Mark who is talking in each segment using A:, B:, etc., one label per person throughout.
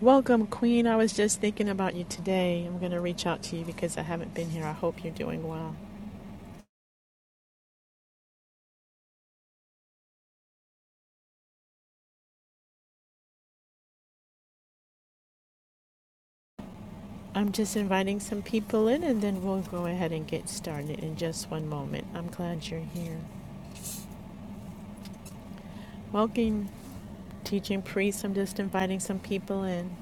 A: Welcome, Queen. I was just thinking about you today. I'm going to reach out to you because I haven't been here. I hope you're doing well. I'm just inviting some people in and then we'll go ahead and get started in just one moment. I'm glad you're here. Welcome, teaching priest. I'm just inviting some people in.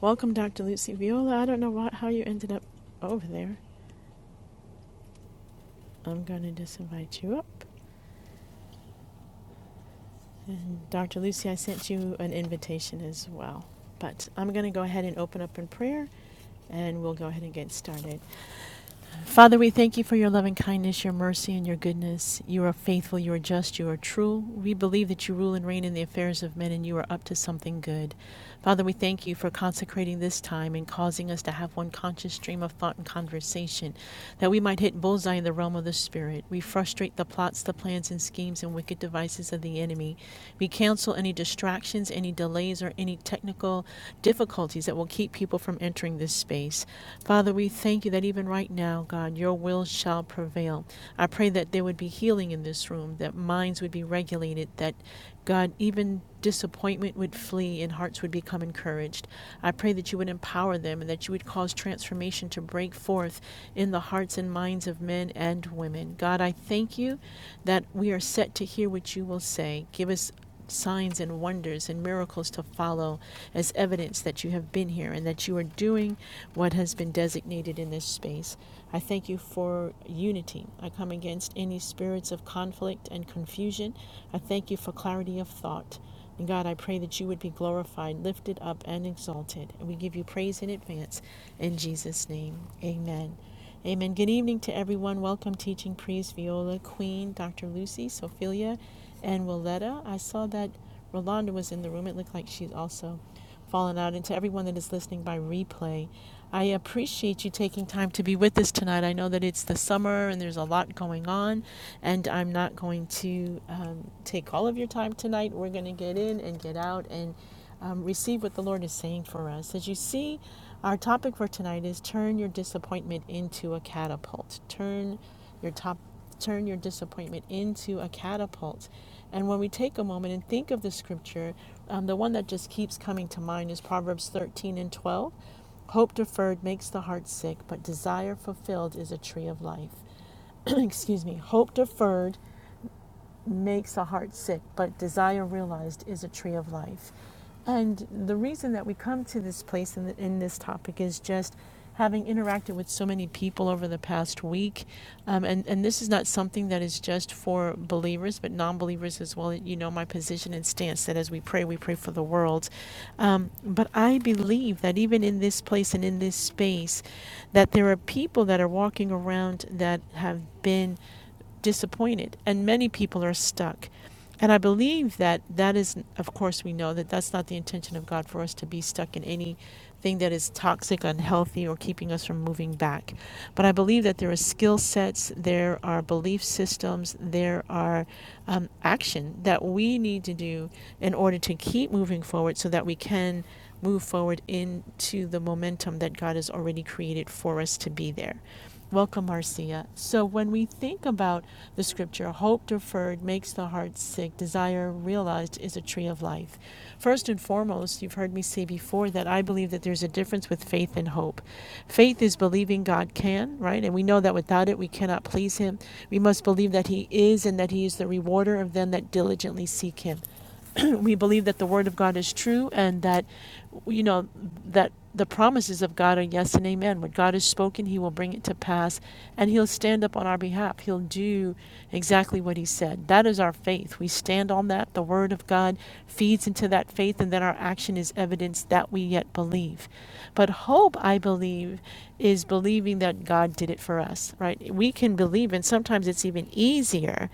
A: Welcome, Dr. Lucy Viola. I don't know what how you ended up over there. I'm going to just invite you up. And Dr. Lucy, I sent you an invitation as well. But I'm going to go ahead and open up in prayer and we'll go ahead and get started. Father, we thank you for your loving kindness, your mercy, and your goodness. You are faithful, you are just, you are true. We believe that you rule and reign in the affairs of men and you are up to something good. Father, we thank you for consecrating this time and causing us to have one conscious stream of thought and conversation, that we might hit bullseye in the realm of the Spirit. We frustrate the plots, the plans, and schemes and wicked devices of the enemy. We cancel any distractions, any delays, or any technical difficulties that will keep people from entering this space. Father, we thank you that even right now, God, your will shall prevail. I pray that there would be healing in this room, that minds would be regulated, that God, even disappointment would flee and hearts would become encouraged. I pray that you would empower them and that you would cause transformation to break forth in the hearts and minds of men and women. God, I thank you that we are set to hear what you will say. Give us signs and wonders and miracles to follow as evidence that you have been here and that you are doing what has been designated in this space. I thank you for unity. I come against any spirits of conflict and confusion. I thank you for clarity of thought. And God, I pray that you would be glorified, lifted up, and exalted. And we give you praise in advance. In Jesus' name, amen. Amen. Good evening to everyone. Welcome, teaching priest Viola, Queen, Dr. Lucy, Sophia, and Willetta. I saw that Rolanda was in the room. It looked like she's also fallen out. And to everyone that is listening by replay, I appreciate you taking time to be with us tonight. I know that it's the summer and there's a lot going on, and I'm not going to um, take all of your time tonight. We're going to get in and get out and um, receive what the Lord is saying for us. As you see, our topic for tonight is turn your disappointment into a catapult. Turn your top, turn your disappointment into a catapult. And when we take a moment and think of the scripture, um, the one that just keeps coming to mind is Proverbs 13 and 12. Hope deferred makes the heart sick, but desire fulfilled is a tree of life. Excuse me. Hope deferred makes a heart sick, but desire realized is a tree of life. And the reason that we come to this place in, the, in this topic is just having interacted with so many people over the past week. Um, and, and this is not something that is just for believers, but non believers as well. You know, my position and stance that as we pray, we pray for the world. Um, but I believe that even in this place and in this space, that there are people that are walking around that have been disappointed, and many people are stuck. And I believe that that is, of course, we know that that's not the intention of God for us to be stuck in anything that is toxic, unhealthy, or keeping us from moving back. But I believe that there are skill sets, there are belief systems, there are um, action that we need to do in order to keep moving forward so that we can move forward into the momentum that God has already created for us to be there. Welcome, Marcia. So, when we think about the scripture, hope deferred makes the heart sick, desire realized is a tree of life. First and foremost, you've heard me say before that I believe that there's a difference with faith and hope. Faith is believing God can, right? And we know that without it, we cannot please Him. We must believe that He is and that He is the rewarder of them that diligently seek Him. we believe that the word of God is true and that you know that the promises of God are yes and amen. What God has spoken, He will bring it to pass, and He'll stand up on our behalf. He'll do exactly what He said. That is our faith. We stand on that. The Word of God feeds into that faith, and then our action is evidence that we yet believe. But hope, I believe, is believing that God did it for us, right? We can believe, and sometimes it's even easier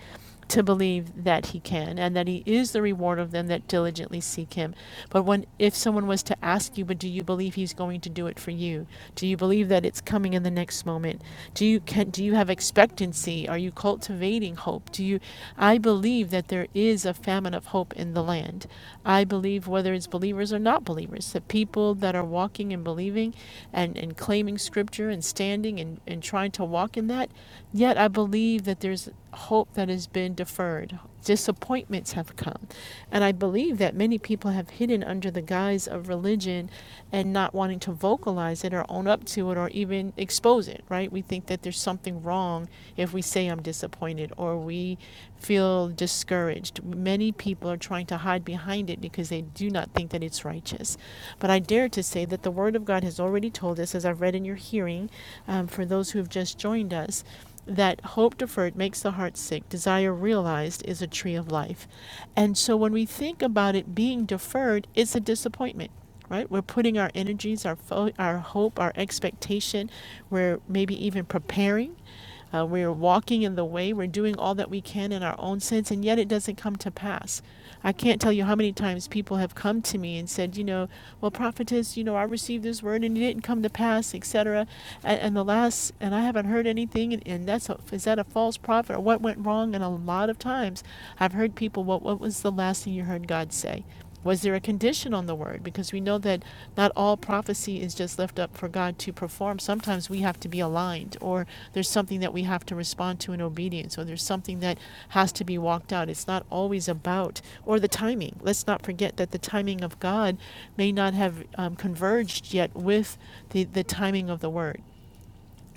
A: to believe that he can and that he is the reward of them that diligently seek him but when if someone was to ask you but do you believe he's going to do it for you do you believe that it's coming in the next moment do you can do you have expectancy are you cultivating hope do you i believe that there is a famine of hope in the land i believe whether it's believers or not believers the people that are walking and believing and and claiming scripture and standing and and trying to walk in that yet i believe that there's there's hope that has been deferred. Disappointments have come. And I believe that many people have hidden under the guise of religion and not wanting to vocalize it or own up to it or even expose it, right? We think that there's something wrong if we say I'm disappointed or we feel discouraged. Many people are trying to hide behind it because they do not think that it's righteous. But I dare to say that the Word of God has already told us, as I've read in your hearing, um, for those who have just joined us, that hope deferred makes the heart sick, desire realized is a tree of life. And so when we think about it being deferred, it's a disappointment, right? We're putting our energies, our, fo- our hope, our expectation, we're maybe even preparing. Uh, we're walking in the way. We're doing all that we can in our own sense, and yet it doesn't come to pass. I can't tell you how many times people have come to me and said, you know, well, prophetess, you know, I received this word and it didn't come to pass, etc. And, and the last, and I. I haven't heard anything, and, and that's a, is that a false prophet or what went wrong? And a lot of times, I've heard people, what what was the last thing you heard God say? Was there a condition on the word? Because we know that not all prophecy is just left up for God to perform. Sometimes we have to be aligned, or there's something that we have to respond to in obedience, or there's something that has to be walked out. It's not always about, or the timing. Let's not forget that the timing of God may not have um, converged yet with the, the timing of the word.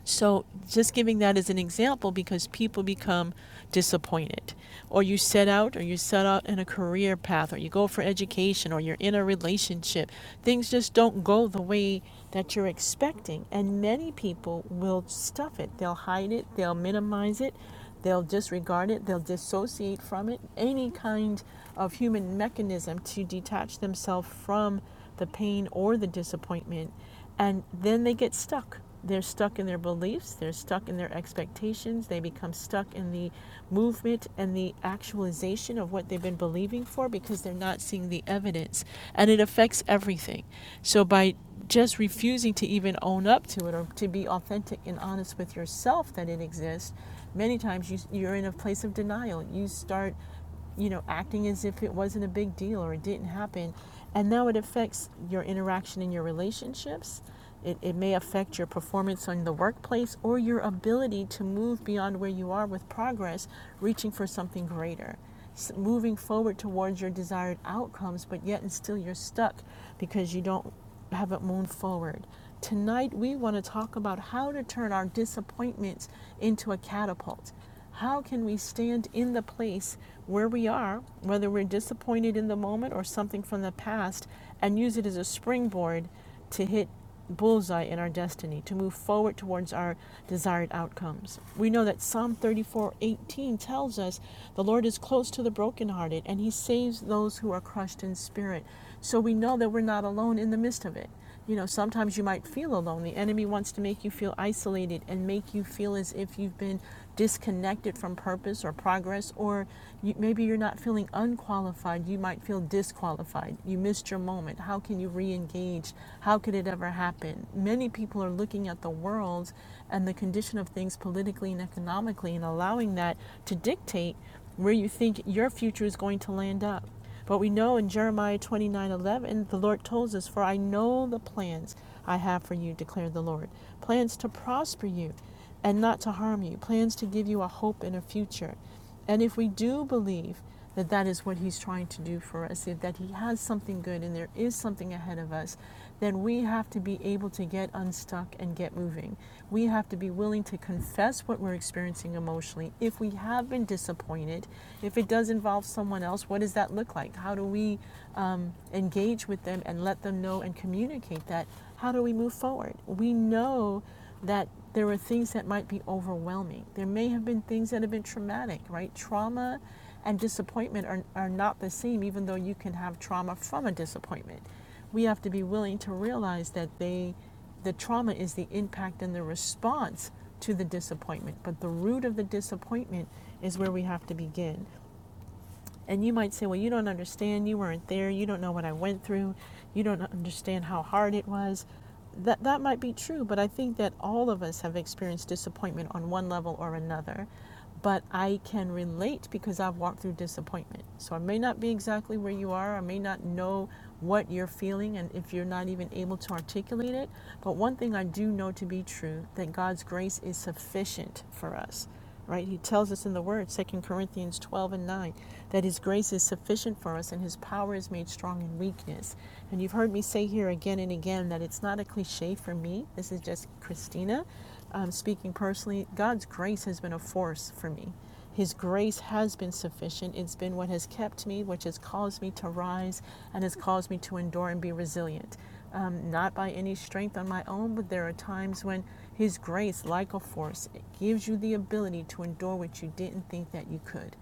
A: So, just giving that as an example because people become disappointed. Or you set out, or you set out in a career path, or you go for education, or you're in a relationship. Things just don't go the way that you're expecting. And many people will stuff it. They'll hide it, they'll minimize it, they'll disregard it, they'll dissociate from it. Any kind of human mechanism to detach themselves from the pain or the disappointment and then they get stuck. They're stuck in their beliefs, they're stuck in their expectations, they become stuck in the movement and the actualization of what they've been believing for because they're not seeing the evidence. And it affects everything. So by just refusing to even own up to it or to be authentic and honest with yourself that it exists, many times you, you're in a place of denial. You start you know, acting as if it wasn't a big deal or it didn't happen. And now it affects your interaction in your relationships. It, it may affect your performance on the workplace or your ability to move beyond where you are with progress, reaching for something greater, S- moving forward towards your desired outcomes, but yet and still you're stuck because you don't haven't moved forward. Tonight, we want to talk about how to turn our disappointments into a catapult how can we stand in the place where we are, whether we're disappointed in the moment or something from the past, and use it as a springboard to hit bullseye in our destiny, to move forward towards our desired outcomes? We know that Psalm 34:18 tells us the Lord is close to the brokenhearted and he saves those who are crushed in spirit. So we know that we're not alone in the midst of it you know, sometimes you might feel alone. The enemy wants to make you feel isolated and make you feel as if you've been disconnected from purpose or progress, or you, maybe you're not feeling unqualified. You might feel disqualified. You missed your moment. How can you re engage? How could it ever happen? Many people are looking at the world and the condition of things politically and economically and allowing that to dictate where you think your future is going to land up. But we know in Jeremiah 29 11, the Lord tells us, For I know the plans I have for you, declared the Lord. Plans to prosper you and not to harm you, plans to give you a hope and a future. And if we do believe that that is what He's trying to do for us, that He has something good and there is something ahead of us, then we have to be able to get unstuck and get moving. We have to be willing to confess what we're experiencing emotionally. If we have been disappointed, if it does involve someone else, what does that look like? How do we um, engage with them and let them know and communicate that? How do we move forward? We know that there are things that might be overwhelming. There may have been things that have been traumatic, right? Trauma and disappointment are, are not the same, even though you can have trauma from a disappointment we have to be willing to realize that they the trauma is the impact and the response to the disappointment but the root of the disappointment is where we have to begin and you might say, well, you don't understand. You weren't there. You don't know what I went through. You don't understand how hard it was. That, that might be true, but I think that all of us have experienced disappointment on one level or another. But I can relate because I've walked through disappointment. So I may not be exactly where you are. I may not know what you're feeling and if you're not even able to articulate it. But one thing I do know to be true that God's grace is sufficient for us right? He tells us in the Word, Second Corinthians 12 and 9, that His grace is sufficient for us and His power is made strong in weakness. And you've heard me say here again and again that it's not a cliche for me. This is just Christina um, speaking personally. God's grace has been a force for me. His grace has been sufficient. It's been what has kept me, which has caused me to rise and has caused me to endure and be resilient um, not by any strength on my own, but there are times when His grace, like a force, it gives you the ability to endure what you didn't think that you could.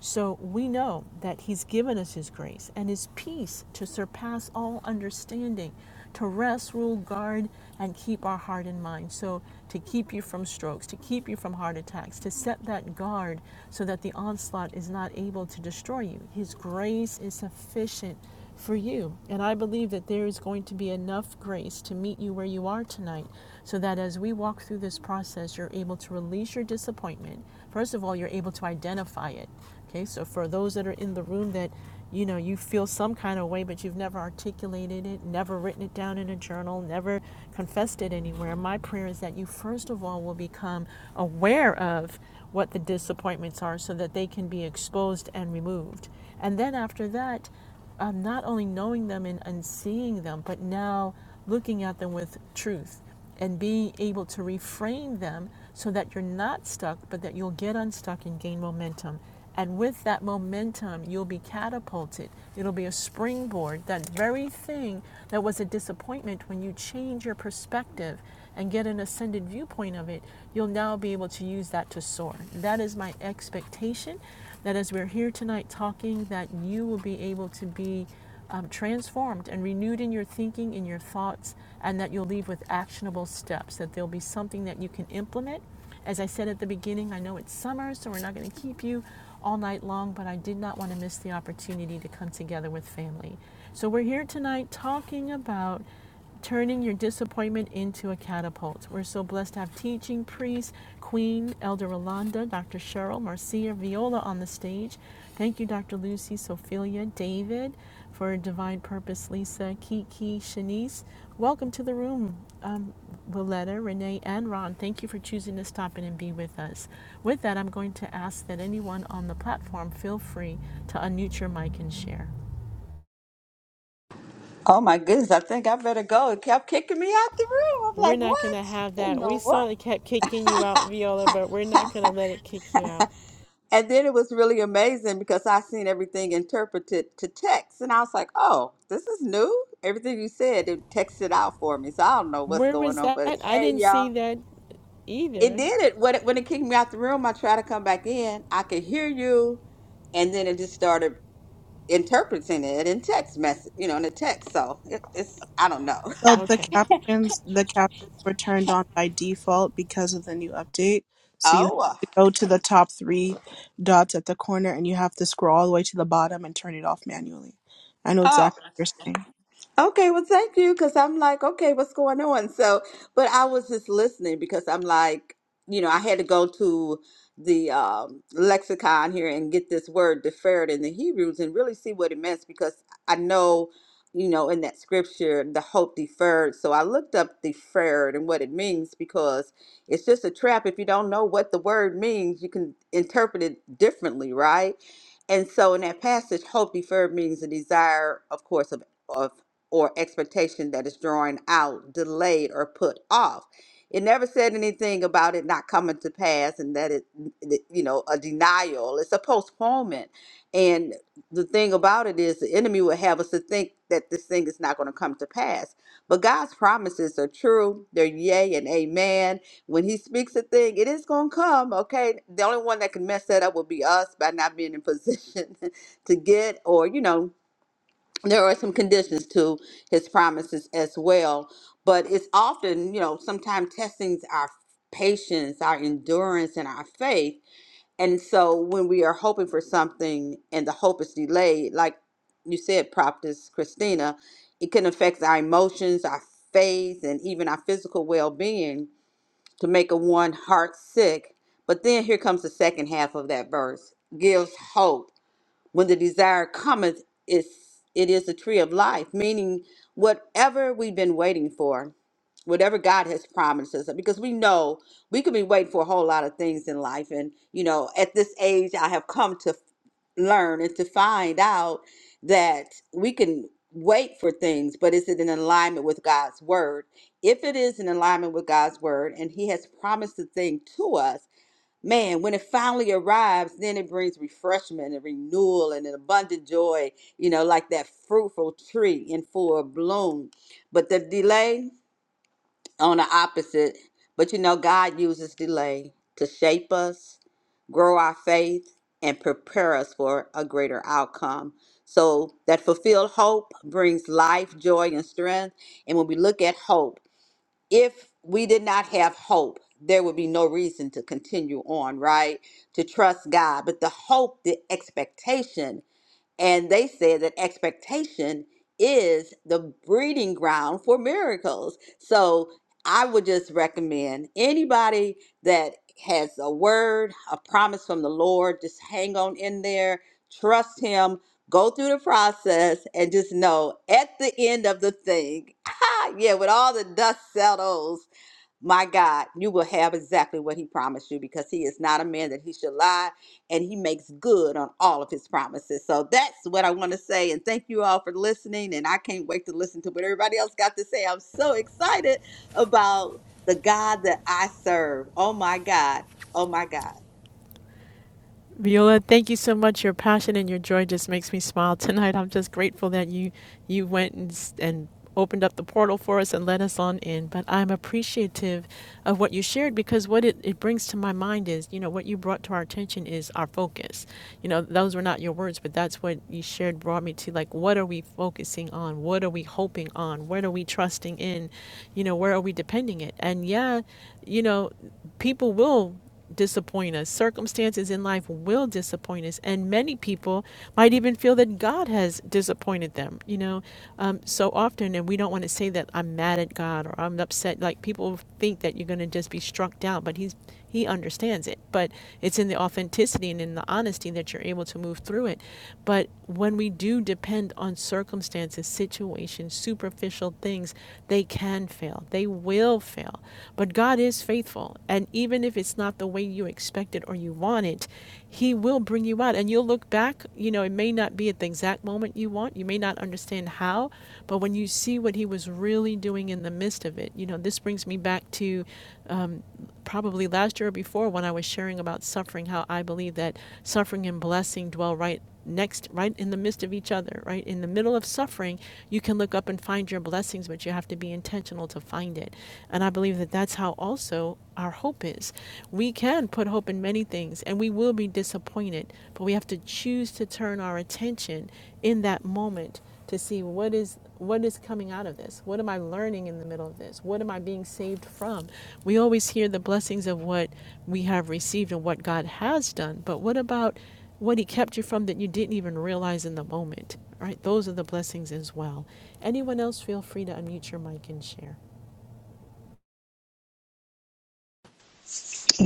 A: So we know that He's given us His grace and His peace to surpass all understanding, to rest, rule, guard, and keep our heart and mind. So to keep you from strokes, to keep you from heart attacks, to set that guard so that the onslaught is not able to destroy you. His grace is sufficient for you. And I believe that there is going to be enough grace to meet you where you are tonight so that as we walk through this process, you're able to release your disappointment. First of all, you're able to identify it. Okay, so for those that are in the room that you know you feel some kind of way, but you've never articulated it, never written it down in a journal, never confessed it anywhere, my prayer is that you first of all will become aware of what the disappointments are so that they can be exposed and removed. And then after that, um, not only knowing them and, and seeing them, but now looking at them with truth and being able to reframe them so that you're not stuck, but that you'll get unstuck and gain momentum. And with that momentum, you'll be catapulted. It'll be a springboard, that very thing that was a disappointment when you change your perspective and get an ascended viewpoint of it, you'll now be able to use that to soar. That is my expectation that as we're here tonight talking, that you will be able to be um, transformed and renewed in your thinking, in your thoughts, and that you'll leave with actionable steps, that there'll be something that you can implement. As I said at the beginning, I know it's summer, so we're not going to keep you all night long, but I did not want to miss the opportunity to come together with family. So we're here tonight talking about turning your disappointment into a catapult. We're so blessed to have teaching priest, Queen Elder Rolanda, Dr. Cheryl, Marcia, Viola on the stage. Thank you, Dr. Lucy, Sophia, David, for Divine Purpose, Lisa, Kiki, Shanice. Welcome to the room, um, Willetta, Renee, and Ron. Thank you for choosing to stop in and be with us. With that, I'm going to ask that anyone on the platform feel free to unmute your mic and share.
B: Oh my goodness, I think I better go. It kept kicking me out the room. I'm
A: We're
B: like,
A: not going to
B: what
A: have
B: in
A: that. We
B: the
A: saw
B: world?
A: it kept kicking you out, Viola, but we're not going to let it kick you out.
B: and then it was really amazing because I seen everything interpreted to text. And I was like, oh, this is new. Everything you said, it texted out for me. So I don't know what's
A: Where
B: going
A: was
B: on.
A: that?
B: But
A: I
B: hey,
A: didn't see
B: y'all,
A: that
B: it
A: either.
B: did it. When it, when it kicked me out the room, I tried to come back in. I could hear you. And then it just started interpreting it in text message, you know, in a text. So it, it's, I don't know.
C: So the
A: Okay.
C: captions, the captions were turned on by default because of the new update. So you have
B: Oh,
C: to go to the top three dots at the corner, and you have to scroll all the way to the bottom and turn it off manually. I know
B: oh,
C: exactly what you're saying.
B: Okay, well, thank you, because I'm like, okay, what's going on? So, but I was just listening because I'm like, you know, I had to go to the um, lexicon here and get this word deferred in the Hebrews and really see what it meant because I know, you know, in that scripture, the hope deferred. So I looked up deferred and what it means because it's just a trap. If you don't know what the word means, you can interpret it differently, right? And so in that passage, hope deferred means a desire, of course, of or expectation that is drawn out, delayed, or put off. It never said anything about it not coming to pass and that it, that, you know, a denial. It's a postponement. And the thing about it is the enemy will have us to think that this thing is not going to come to pass. But God's promises are true. They're yea and amen. When he speaks a thing, it is going to come, okay? The only one that can mess that up would be us by not being in position to get or, you know, there are some conditions to his promises as well but it's often you know sometimes testing our patience our endurance and our faith and so when we are hoping for something and the hope is delayed like you said prophetess christina it can affect our emotions our faith and even our physical well-being to make a one heart sick but then here comes the second half of that verse gives hope when the desire cometh is it is the tree of life meaning whatever we've been waiting for whatever god has promised us because we know we could be waiting for a whole lot of things in life and you know at this age i have come to learn and to find out that we can wait for things but is it in alignment with god's word if it is in alignment with god's word and he has promised the thing to us Man, when it finally arrives, then it brings refreshment and renewal and an abundant joy, you know, like that fruitful tree in full bloom. But the delay on the opposite, but you know, God uses delay to shape us, grow our faith, and prepare us for a greater outcome. So that fulfilled hope brings life, joy, and strength. And when we look at hope, if we did not have hope, there would be no reason to continue on, right? To trust God. But the hope, the expectation and they said that expectation is the breeding ground for miracles. So I would just recommend anybody that has a word, a promise from the Lord, just hang on in there, trust Him, go through the process, and just know at the end of the thing, yeah, when all the dust settles, my God, you will have exactly what he promised you because he is not a man that he should lie and he makes good on all of his promises. So that's what I want to say. And thank you all for listening. And I can't wait to listen to what everybody else got to say. I'm so excited about the God that I serve. Oh my God. Oh my God.
A: Viola, thank you so much. Your passion and your joy just makes me smile tonight. I'm just grateful that you you went and, s- and opened up the portal for us and let us on in. But I'm appreciative of what you shared because what it, it brings to my mind is, you know, what you brought to our attention is our focus. You know, those were not your words, but that's what you shared brought me to like what are we focusing on? What are we hoping on? What are we trusting in? You know, where are we depending it? And yeah, you know, people will disappoint us. Circumstances in life will disappoint us, and many people might even feel that God has disappointed them. You know, um, so often, and we don't want to say that I'm mad at God or I'm upset. Like people think that you're going to just be struck down, but He's He understands it. But it's in the authenticity and in the honesty that you're able to move through it. But when we do depend on circumstances, situations, superficial things, they can fail. They will fail. But God is faithful beautiful. And even if it's not the way you expect it or you want it, He will bring you out. And you'll look back, you know, it may not be at the exact moment you want. You may not understand how, but when you see what He was really doing in the midst of it, you know, this brings me back to um, probably last year or before when I was sharing about suffering, how I believe that suffering and blessing dwell right next right in the midst of each other right in the middle of suffering you can look up and find your blessings but you have to be intentional to find it and i believe that that's how also our hope is we can put hope in many things and we will be disappointed but we have to choose to turn our attention in that moment to see what is what is coming out of this what am i learning in the middle of this what am i being saved from we always hear the blessings of what we have received and what god has done but what about what he kept you from that you didn't even realize in the moment. Right? Those are the blessings as well. Anyone else feel free to unmute your mic and share.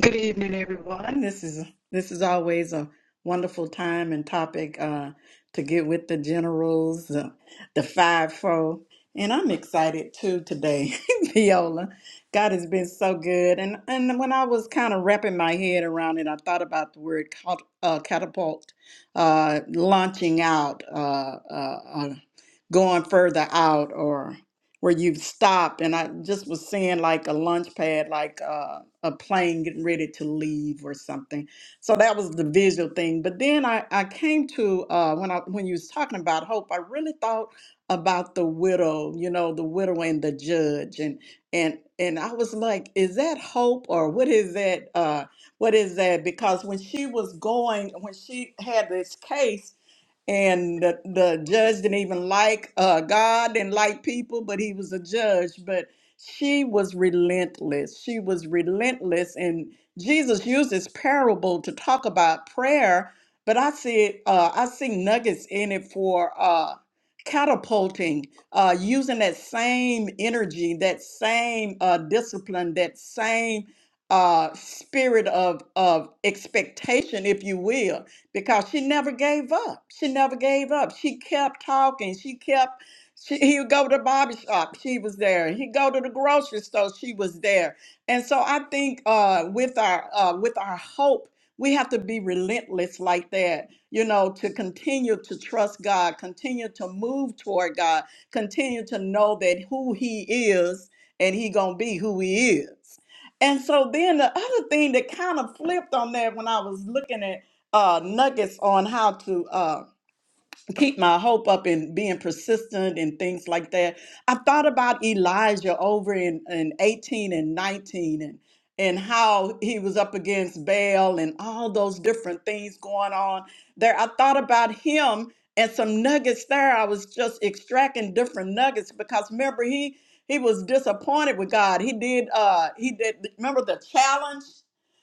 D: Good evening, everyone. This is this is always a wonderful time and topic uh, to get with the generals, uh, the fivefold, and I'm excited too today, Viola. God has been so good, and and when I was kind of wrapping my head around it, I thought about the word cat, uh, catapult, uh, launching out, uh, uh, uh, going further out, where you've stopped and I just was seeing like a launch pad, like uh, a plane getting ready to leave or something. So that was the visual thing. But then I, I came to uh, when I when you was talking about hope, I really thought about the widow, you know, the widow and the judge and and and I was like, is that hope or what is that uh what is that? Because when she was going, when she had this case and the, the judge didn't even like uh, God, didn't like people, but he was a judge. But she was relentless. She was relentless, and Jesus used this parable to talk about prayer. But I see it. Uh, I see nuggets in it for uh, catapulting, uh, using that same energy, that same uh, discipline, that same uh, spirit of of expectation, if you will because she never gave up. She never gave up. She kept talking. She kept. She, he would go to the barber shop. She was there. He'd go to the grocery store. She was there. And so I think uh, with our uh, with our hope, we have to be relentless like that. You know, to continue to trust God, continue to move toward God, continue to know that who He is and He gonna be who He is. And so then the other thing that kind of flipped on that when I was looking at uh, nuggets on how to uh, keep my hope up and being persistent and things like that. I thought about Elijah over in, in 18 and 19 and and how he was up against Baal and all those different things going on there. I thought about him and some nuggets there. I was just extracting different nuggets because remember he he was disappointed with God. He did uh he did remember the challenge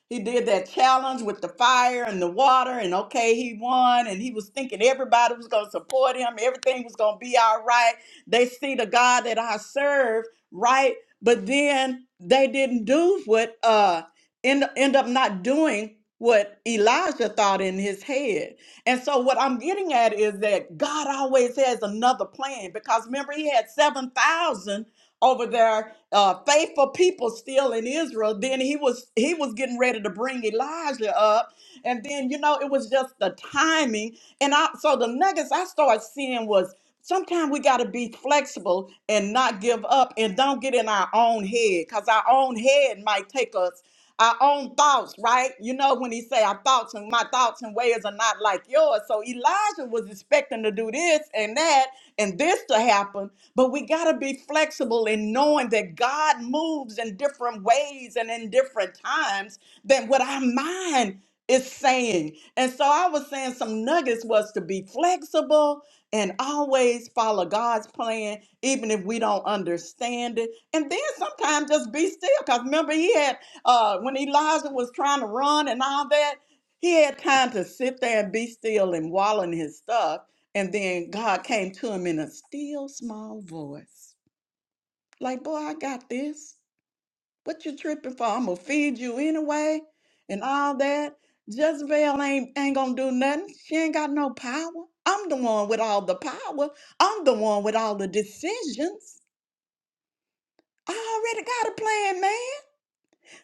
D: he did that challenge with the fire and the water, and okay, he won, and he was thinking everybody was going to support him, everything was going to be all right. They see the God that I serve, right? But then they didn't do what uh end, end up not doing what Elijah thought in his head. And so what I'm getting at is that God always has another plan because remember he had 7,000 over their uh, faithful people still in Israel. Then he was he was getting ready to bring Elijah up, and then you know it was just the timing. And I so the nuggets I started seeing was sometimes we got to be flexible and not give up and don't get in our own head because our own head might take us our own thoughts right you know when he say our thoughts and my thoughts and ways are not like yours so elijah was expecting to do this and that and this to happen, but we got to be flexible in knowing that God moves in different ways and in different times than what our mind is saying. And so I was saying some nuggets was to be flexible and always follow God's plan, even if we don't understand it. And then sometimes just be still. Because remember, he had, uh, when Elijah was trying to run and all that, he had time to sit there and be still and wallow in his stuff. And then God came to him in a still small voice. Like, boy, I got this. What you tripping for? I'm gonna feed you anyway and all that. Jezebel ain't ain't gonna do nothing. She ain't got no power. I'm the one with all the power. I'm the one with all the decisions. I already got a plan, man.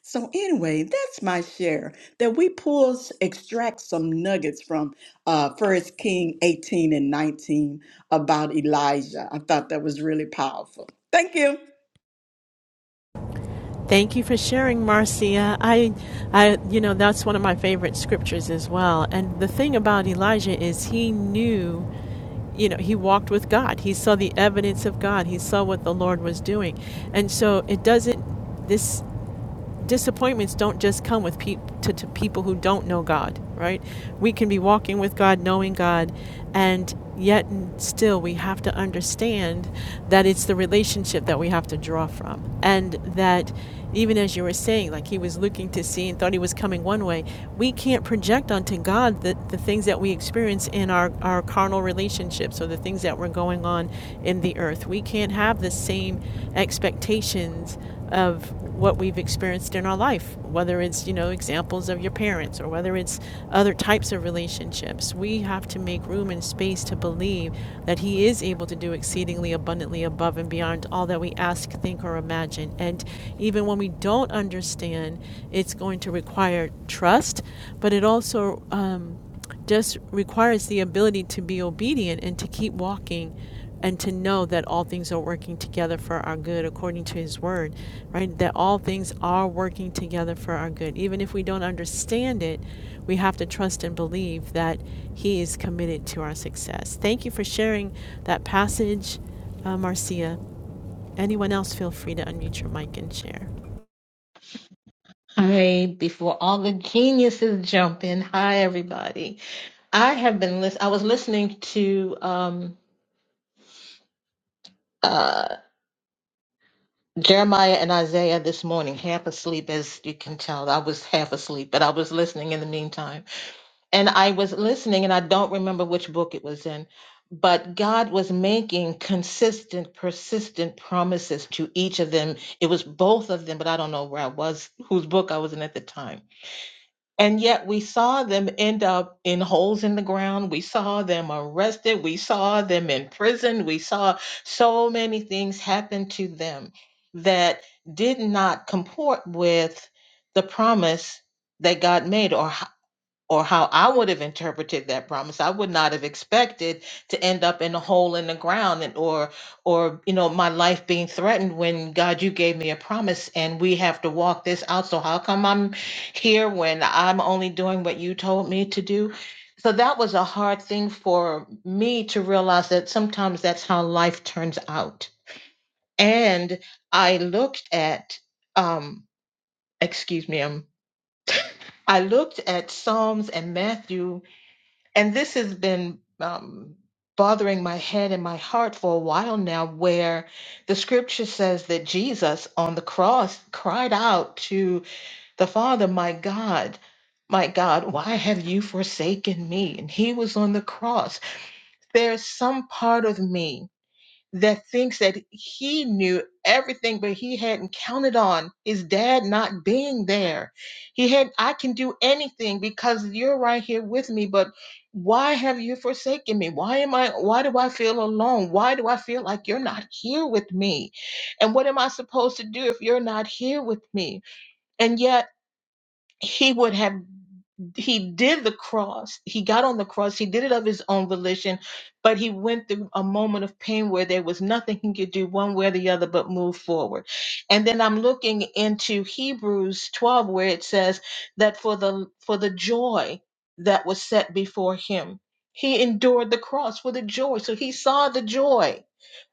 D: So anyway, that's my share that we pulls extract some nuggets from uh First King 18 and 19 about Elijah. I thought that was really powerful. Thank you.
A: Thank you for sharing, Marcia. I I you know, that's one of my favorite scriptures as well. And the thing about Elijah is he knew you know, he walked with God. He saw the evidence of God. He saw what the Lord was doing. And so it doesn't this disappointments don't just come with peop to, to people who don't know God, right? We can be walking with God, knowing God, and yet still we have to understand that it's the relationship that we have to draw from. And that even as you were saying, like he was looking to see and thought he was coming one way, we can't project onto God the, the things that we experience in our, our carnal relationships or the things that were going on in the earth. We can't have the same expectations of what we've experienced in our life, whether it's, you know, examples of your parents or whether it's other types of relationships. We have to make room and space to believe that He is able to do exceedingly abundantly above and beyond all that we ask, think, or imagine. And even when we don't understand, it's going to require trust, but it also um, just requires the ability to be obedient and to keep walking and to know that all things are working together for our good according to his word right that all things are working together for our good even if we don't understand it we have to trust and believe that he is committed to our success thank you for sharing that passage uh, marcia anyone else feel free to unmute your mic and share
E: Hi, before all the geniuses jump in. Hi, everybody. I have been lis- I was listening to um, uh, Jeremiah and Isaiah this morning, half asleep, as you can tell. I was half asleep, but I was listening in the meantime. And I was listening, and I don't remember which book it was in, but God was making consistent, persistent promises to each of them. It was both of them, but I don't know where I was, whose book I was in at the time And yet we saw them end up in holes in the ground. We saw them arrested. We saw them in prison. We saw so many things happen to them that did not comport with the promise that God made or or how I would have interpreted that promise. I would not have expected to end up in a hole in the ground and or or you know my life being threatened when God you gave me a promise and we have to walk this out. So how come I'm here when I'm only doing what you told me to do? So that was a hard thing for me to realize that sometimes that's how life turns out. And I looked at um excuse me, um I looked at Psalms and Matthew and this has been um, bothering my head and my heart for a while now, where the scripture says that Jesus on the cross cried out to the Father, My God, my God, why have you forsaken me? And he was on the cross. There's some part of me that thinks that he knew everything but he hadn't counted on his dad not being there he had i can do anything because you're right here with me but why have you forsaken me why am i why do i feel alone why do i feel like you're not here with me and what am i supposed to do if you're not here with me and yet he would have he did the cross. He got on the cross. He did it of his own volition, but he went through a moment of pain where there was nothing he could do one way or the other but move forward. And then I'm looking into Hebrews 12 where it says that for the for the joy that was set before him, he endured the cross for the joy. So he saw the joy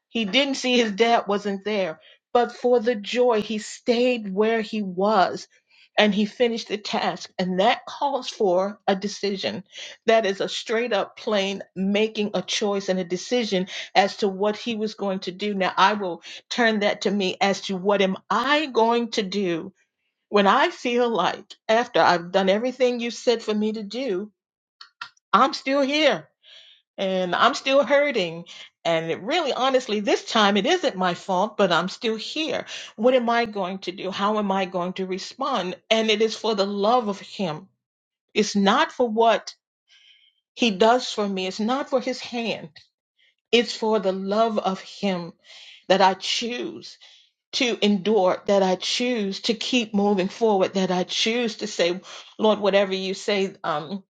E: he didn't see his dad wasn't there, but for the joy, he stayed where he was and he finished the task. And that calls for a decision. That is a straight up plain making a choice and a decision as to what he was going to do. Now, I will turn that to me as to what am I going to do when I feel like after I've done everything you said for me to do, I'm still here and I'm still hurting. And it really, honestly, this time it isn't my fault, but I'm still here. What am I going to do? How am I going to respond? And it is for the love of Him. It's not for what He does for me, it's not for His hand. It's for the love of Him that I choose to endure, that I choose to keep moving forward, that I choose to say, Lord, whatever you say, um,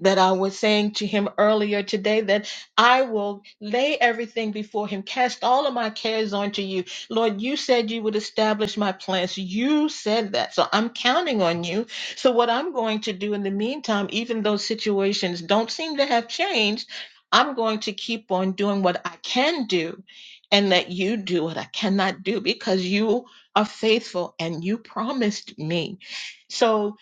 E: that I was saying to him earlier today that I will lay everything before him, cast all of my cares onto you. Lord, you said you would establish my plans. You said that. So I'm counting on you. So, what I'm going to do in the meantime, even though situations don't seem to have changed, I'm going to keep on doing what I can do and let you do what I cannot do because you are faithful and you promised me. So,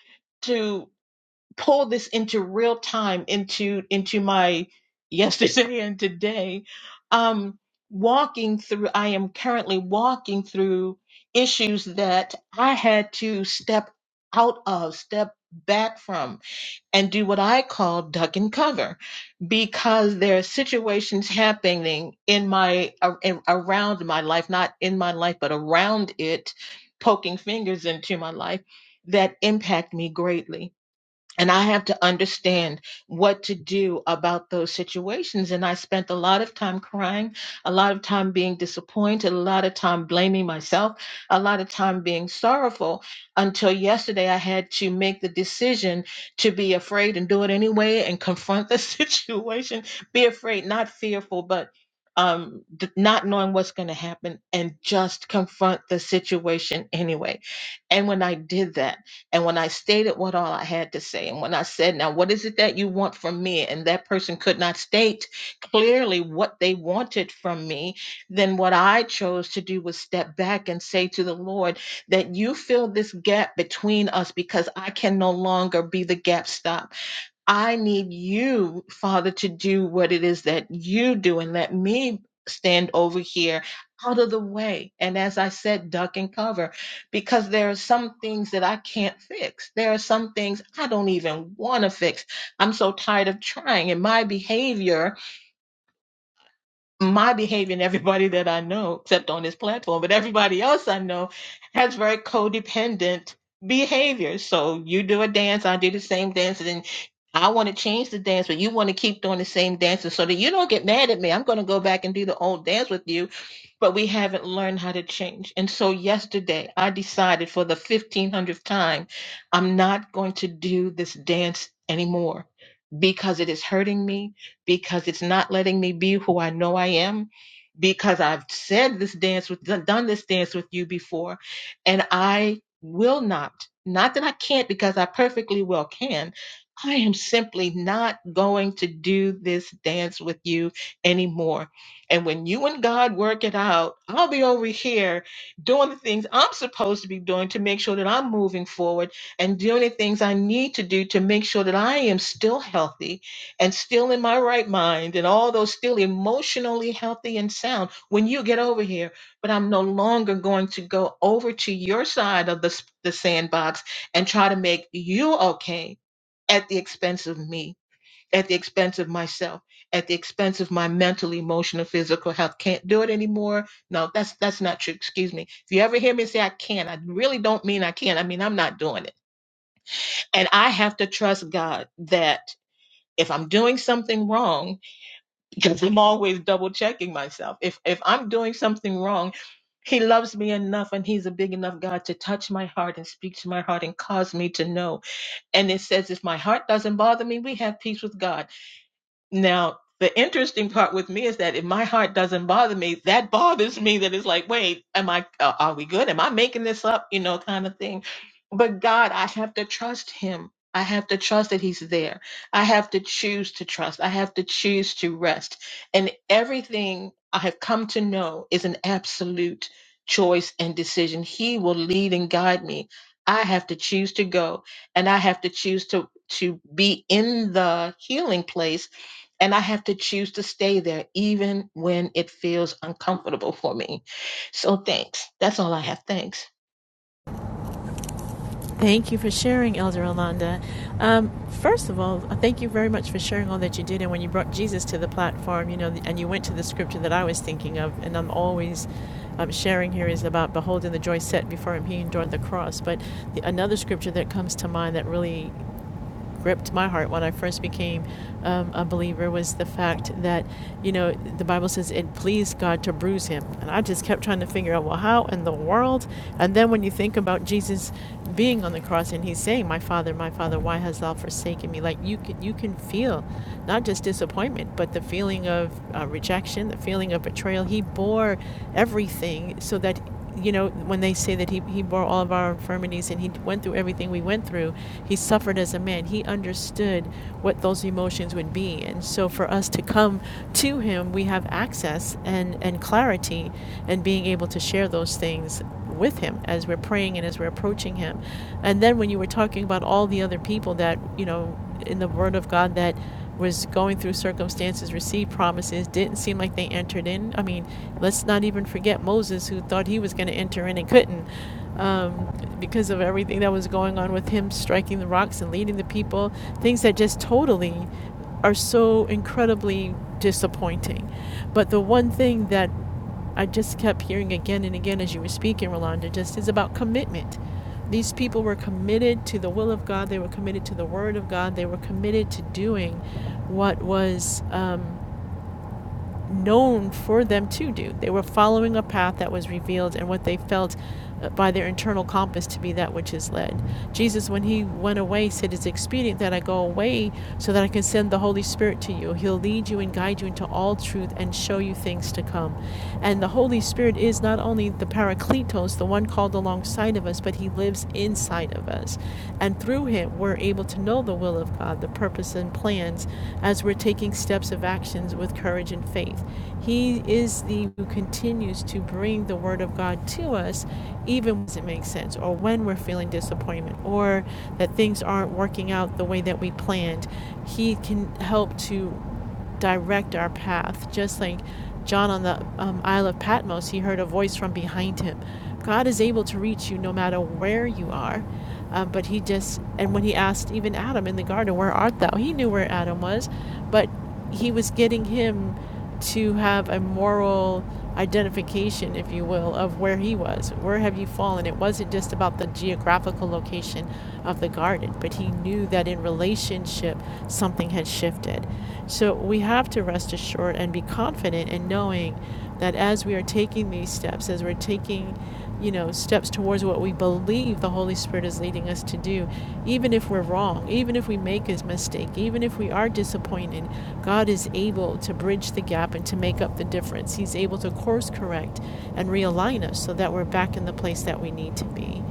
E: pull this into real time into into my yesterday and today um walking through i am currently walking through issues that i had to step out of step back from and do what i call duck and cover because there are situations happening in my ar- in, around my life not in my life but around it poking fingers into my life that impact me greatly and I have to understand what to do about those situations. And I spent a lot of time crying, a lot of time being disappointed, a lot of time blaming myself, a lot of time being sorrowful until yesterday I had to make the decision to be afraid and do it anyway and confront the situation. Be afraid, not fearful, but um, d- not knowing what's going to happen and just confront the situation anyway. And when I did that, and when I stated what all I had to say, and when I said, Now, what is it that you want from me? And that person could not state clearly what they wanted from me, then what I chose to do was step back and say to the Lord, That you fill this gap between us because I can no longer be the gap stopper. I need you, Father, to do what it is that you do and let me stand over here out of the way. And as I said, duck and cover because there are some things that I can't fix. There are some things I don't even want to fix. I'm so tired of trying, and my behavior my behavior and everybody that I know, except on this platform, but everybody else I know has very codependent behavior. So you do a dance, I do the same dance, and then I want to change the dance, but you want to keep doing the same dances so that you don't get mad at me. I'm going to go back and do the old dance with you but we haven't learned how to change. And so yesterday I decided for the 1500th time, I'm not going to do this dance anymore because it is hurting me, because it's not letting me be who I know I am, because I've said this dance with, done this dance with you before, and I will not, not that I can't because I perfectly well can. I am simply not going to do this dance with you anymore and when you and God work it out, I'll be over here doing the things I'm supposed to be doing to make sure that I'm moving forward and doing the things I need to do to make sure that I am still healthy and still in my right mind and all those still emotionally healthy and sound when you get over here. But I'm no longer going to go over to your side of the, s- the sandbox and try to make you okay at the expense of me at the expense of myself, at the expense of my mental, emotional, physical health. Can't do it anymore. No, that's that's not true. Excuse me. If you ever hear me say I can't, I really don't mean I can't. I mean I'm not doing it. And I have to trust God that if I'm doing something wrong, because I'm always double checking myself. If if I'm doing something wrong, He loves me enough, and He's a big enough God to touch my heart and speak to my heart and cause me to know. And it says, if my heart doesn't bother me, we have peace with God Now, the interesting part with me is that if my heart doesn't bother me, that bothers me. That it's like, wait, am I? Uh, are we good? Am I making this up? You know, kind of thing. But God, I have to trust Him. I have to trust that He's there. I have to choose to trust. I have to choose to rest. And everything I have come to know is an absolute choice and decision. He will lead and guide me. I have to choose to go, and I have to choose to to be in the healing place and I have to choose to stay there even when it feels uncomfortable for me. So thanks. That's all I have. Thanks.
A: Thank you for sharing, Elder Rolanda. Um, first of all, thank you very much for sharing all that you did. And when you brought Jesus to the platform, you know, and you went to the scripture that I was thinking of, and I'm always um, sharing here is about beholding the joy set before him, he endured the cross. But the, another scripture that comes to mind that really gripped my heart when I first became um, a believer was the fact that, you know, the Bible says it pleased God to bruise him. And I just kept trying to figure out, well, how in the world? And then when you think about Jesus being on the cross and he's saying, My Father, my Father, why hast thou forsaken me? Like you can, you can feel not just disappointment, but the feeling of uh, rejection, the feeling of betrayal. He bore everything so that you know, when they say that he, he bore all of our infirmities and he went through everything we went through, he suffered as a man. He understood what those emotions would be. And so for us to come to him, we have access and, and clarity and being able to share those things with him as we're praying and as we're approaching him. And then when you were talking about all the other people that, you know, in the Word of God that was going through circumstances, received promises, didn't seem like they entered in. I mean, let's not even forget Moses, who thought he was going to enter in and couldn't um, because of everything that was going on with him striking the rocks and leading the people, things that just totally are so incredibly disappointing. But the one thing that I just kept hearing again and again as you were speaking, Rolanda, just is about commitment. These people were committed to the will of God, they were committed to the Word of God, they were committed to doing what was um, known for them to do. They were following a path that was revealed and what they felt uh, by their internal compass to be that which is led. Jesus, when he went away, said, It's expedient that I go away so that I can send the Holy Spirit to you. He'll lead you and guide you into all truth and show you things to come. And the Holy Spirit is not only the Parakletos, the one called alongside of us, but he lives lives inside of us. And through Him, we're able to know the will of God, the purpose and plans as we're taking steps of actions with courage and faith. He is the who continues to bring the Word of God to us, even when it makes sense, or when we're feeling disappointment, or that things aren't working out the way that we planned. He can help to direct our path. Just like John on the um, Isle of Patmos, he heard a voice from behind him. God is able to reach you no matter where you are. Um, but he just, and when he asked even Adam in the garden, Where art thou? He knew where Adam was, but he was getting him to have a moral identification, if you will, of where he was. Where have you fallen? It wasn't just about the geographical location of the garden, but he knew that in relationship something had shifted. So we have to rest assured and be confident in knowing that as we are taking these steps, as we're taking you know, steps towards what we believe the Holy Spirit is leading us to do, even if we're wrong, even if we make a mistake, even if we are disappointed, God is able to bridge the gap and to make up the difference. He's able to course correct and realign us so that we're back in the place that we need to be.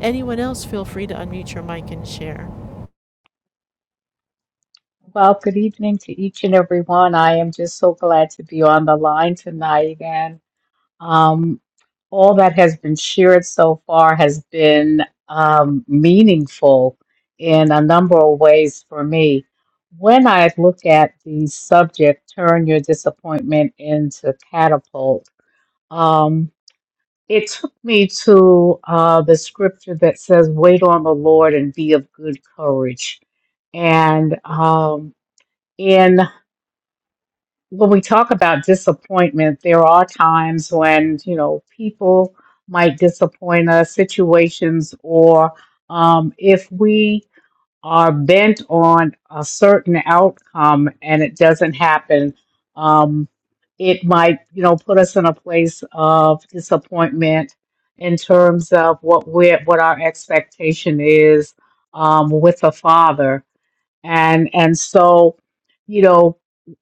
A: Anyone else, feel free to unmute your mic and share.
F: Well, good evening to each and every one. I am just so glad to be on the line tonight. And um, all that has been shared so far has been um, meaningful in a number of ways for me. When I look at the subject, turn your disappointment into catapult, um, it took me to uh, the scripture that says, Wait on the Lord and be of good courage. And um, in when we talk about disappointment, there are times when, you know, people might disappoint us, situations, or um, if we are bent on a certain outcome and it doesn't happen, um, it might, you know, put us in a place of disappointment in terms of what we're, what our expectation is um, with a father and and so you know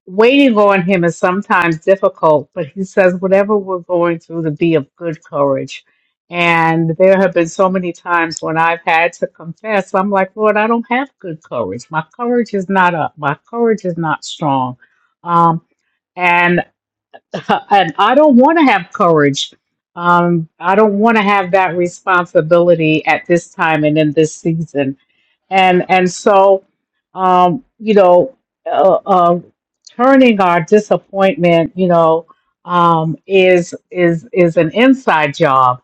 F: waiting on him is sometimes difficult but he says whatever we're going through to be of good courage and there have been so many times when i've had to confess i'm like lord i don't have good courage my courage is not up my courage is not strong um and and i don't want to have courage um i don't want to have that responsibility at this time and in this season and and so um, you know uh, uh, turning our disappointment you know um, is is is an inside job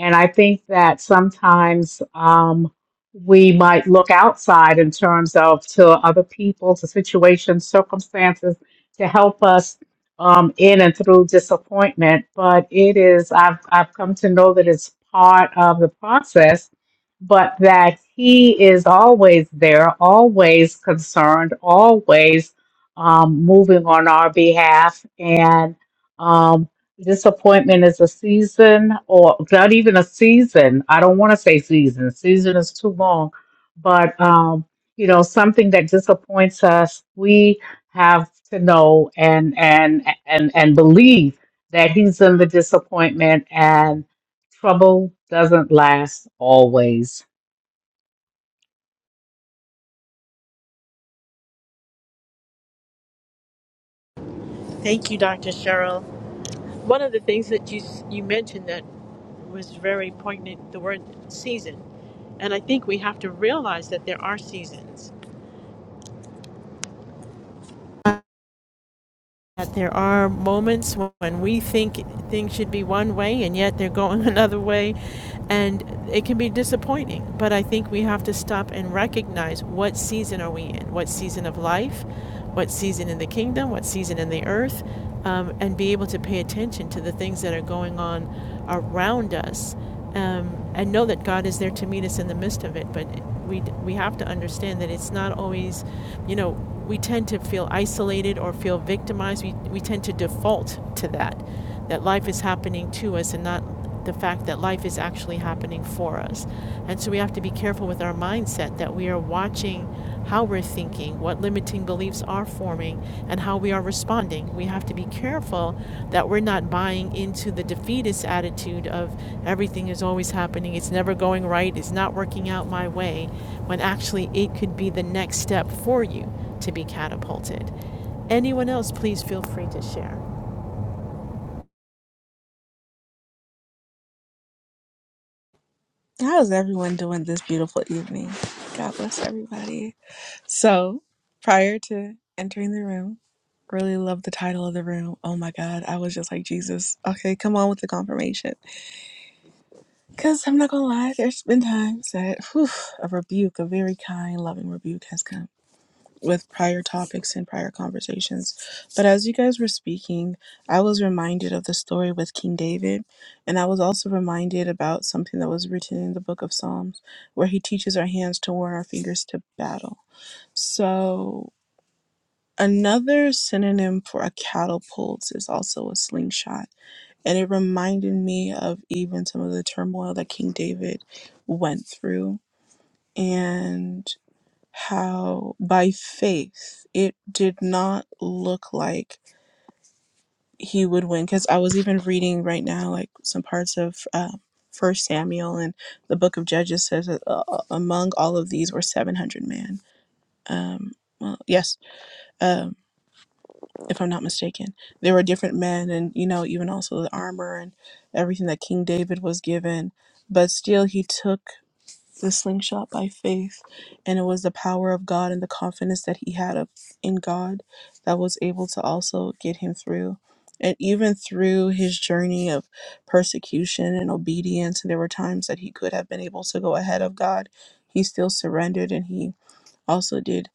F: and i think that sometimes um, we might look outside in terms of to other people to situations circumstances to help us um, in and through disappointment but it is i've i've come to know that it's part of the process but that he is always there, always concerned, always um, moving on our behalf. And um, disappointment is a season, or not even a season. I don't want to say season, season is too long, but um, you know, something that disappoints us, we have to know and and and and believe that he's in the disappointment and trouble doesn't last always.
A: Thank you, Dr. Cheryl. One of the things that you you mentioned that was very poignant, the word season. And I think we have to realize that there are seasons that there are moments when we think things should be one way and yet they're going another way and it can be disappointing but i think we have to stop and recognize what season are we in what season of life what season in the kingdom what season in the earth um, and be able to pay attention to the things that are going on around us um, and know that God is there to meet us in the midst of it. But we, we have to understand that it's not always, you know, we tend to feel isolated or feel victimized. We, we tend to default to that, that life is happening to us and not the fact that life is actually happening for us. And so we have to be careful with our mindset that we are watching how we're thinking, what limiting beliefs are forming, and how we are responding. We have to be careful that we're not buying into the defeatist attitude of everything is always happening, it's never going right, it's not working out my way, when actually it could be the next step for you to be catapulted. Anyone else, please feel free to share.
C: How is everyone doing this beautiful evening? God bless everybody. So, prior to entering the room, really love the title of the room. Oh my God, I was just like, Jesus, okay, come on with the confirmation. Because I'm not going to lie, there's been times that whew, a rebuke, a very kind, loving rebuke, has come with prior topics and prior conversations. But as you guys were speaking, I was reminded of the story with King David. And I was also reminded about something that was written in the book of Psalms, where he teaches our hands to warn our fingers to battle. So another synonym for a catapult is also a slingshot. And it reminded me of even some of the turmoil that King David went through and how by faith it did not look like he would win. Because I was even reading right now, like some parts of. Uh, First Samuel and the book of Judges says that uh, uh, among all of these were 700 men. Um, well, yes. um, if I'm not mistaken. There were different men, and you know, even also the armor and everything that King David was given. But still, he took the slingshot by faith, and it was the power of God and the confidence that he had of, in God that was able to also get him through. And even through his journey of persecution and obedience, there were times that he could have been able to go ahead of God. He still surrendered and he also did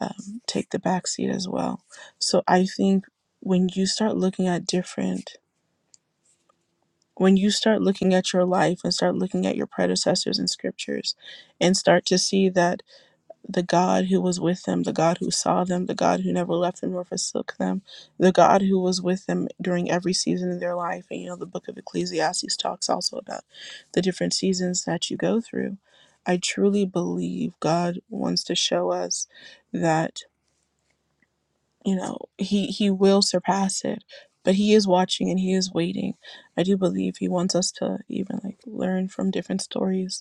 C: um, take the back seat as well. So I think when you start looking at different, when you start looking at your life and start looking at your predecessors in scriptures and start to see that the God who was with them, the God who saw them, the God who never left them nor forsook them, the God who was with them during every season of their life, and you know, the book of Ecclesiastes talks also about the different seasons that you go through. I truly believe God wants to show us that you know he he will surpass it but he is watching and he is waiting i do believe he wants us to even like learn from different stories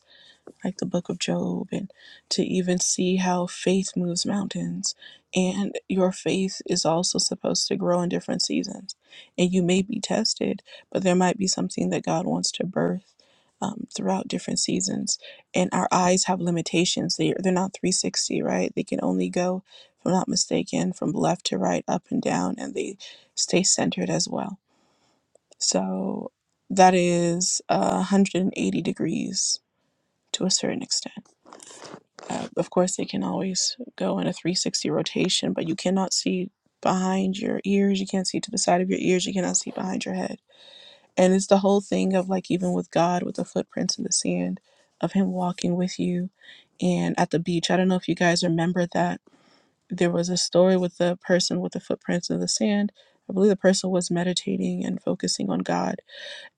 C: like the book of Job, and to even see how faith moves mountains. And your faith is also supposed to grow in different seasons. And you may be tested, but there might be something that God wants to birth um, throughout different seasons. And our eyes have limitations. they they're not 360, right? They can only go, if I'm not mistaken, from left to right, up and down, and they stay centered as well. So that is uh, 180 degrees to a certain extent. Uh, of course, they can always go in a 360 rotation, but you cannot see behind your ears. You can't see to the side of your ears. You cannot see behind your head. And it's the whole thing of like, even with God, with the footprints in the sand, of Him walking with you and at the beach. I don't know if you guys remember that. There was a story with the person with the footprints in the sand. I believe the person was meditating and focusing on God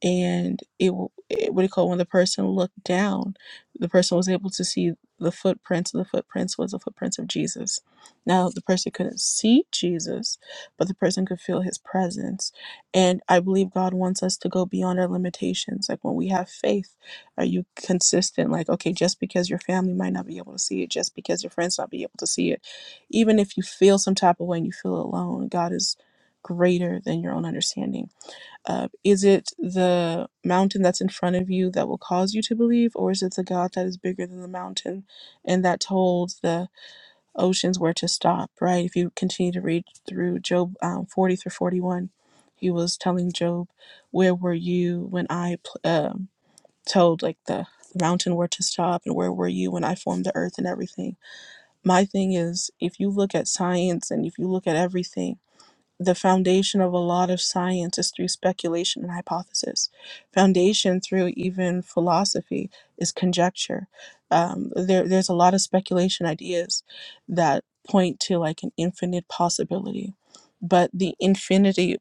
C: and it, w- it what do you call it, when the person looked down the person was able to see the footprints and the footprints was the footprints of jesus now the person couldn't see jesus but the person could feel his presence and i believe god wants us to go beyond our limitations like when we have faith are you consistent like okay just because your family might not be able to see it just because your friends not be able to see it even if you feel some type of way and you feel alone god is greater than your own understanding uh, is it the mountain that's in front of you that will cause you to believe, or is it the God that is bigger than the mountain and that told the oceans where to stop, right? If you continue to read through Job um, 40 through 41, he was telling Job, Where were you when I pl- um told, like, the the mountain where to stop and where were you when i formed the earth and everything my thing is if you look at science and if you look at everything the foundation of a lot of science is through speculation and hypothesis. Foundation through even philosophy is conjecture. Um, there, there's a lot of speculation ideas that point to like an infinite possibility, but the infinity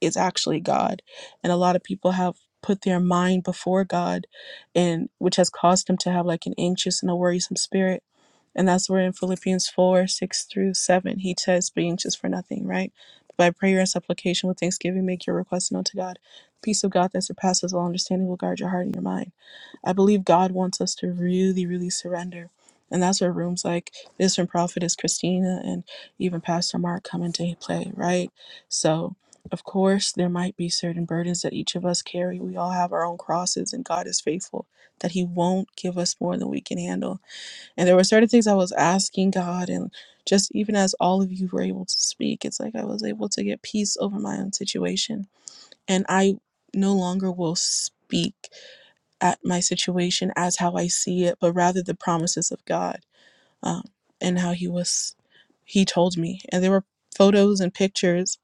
C: is actually God. And a lot of people have put their mind before God and which has caused them to have like an anxious and a worrisome spirit. And that's where in Philippians 4, 6 through 7, he says, Be anxious for nothing, right? But by prayer and supplication with thanksgiving, make your requests known to God. The peace of God that surpasses all understanding will guard your heart and your mind. I believe God wants us to really, really surrender. And that's where rooms like this from Prophetess Christina and even Pastor Mark come into play, right? So, of course, there might be certain burdens that each of us carry. We all have our own crosses, and God is faithful that He won't give us more than we can handle. And there were certain things I was asking God, and just even as all of you were able to speak, it's like I was able to get peace over my own situation. And I no longer will speak at my situation as how I see it, but rather the promises of God um, and how He was, He told me. And there were photos and pictures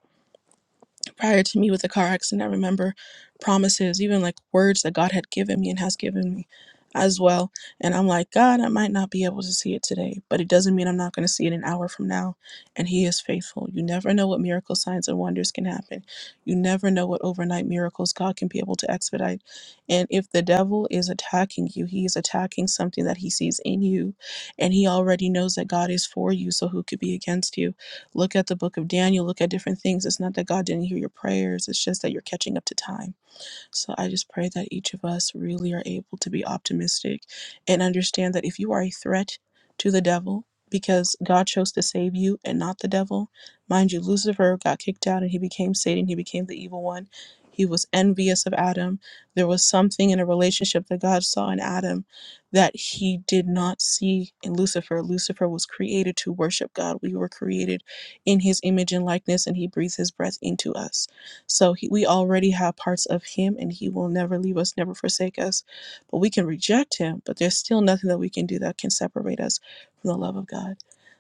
C: prior to me with a car accident, I remember promises, even like words that God had given me and has given me as well. And I'm like, God, I might not be able to see it today, but it doesn't mean I'm not going to see it an hour from now. And He is faithful. You never know what miracle signs and wonders can happen. You never know what overnight miracles God can be able to expedite. And if the devil is attacking you, he is attacking something that he sees in you. And he already knows that God is for you, so who could be against you? Look at the book of Daniel, look at different things. It's not that God didn't hear your prayers, it's just that you're catching up to time. So I just pray that each of us really are able to be optimistic and understand that if you are a threat to the devil, because God chose to save you and not the devil. Mind you, Lucifer got kicked out and he became Satan, he became the evil one. He was envious of Adam. There was something in a relationship that God saw in Adam that he did not see in Lucifer. Lucifer was created to worship God. We were created in his image and likeness, and he breathes his breath into us. So he, we already have parts of him and he will never leave us, never forsake us. But we can reject him, but there's still nothing that we can do that can separate us from the love of God.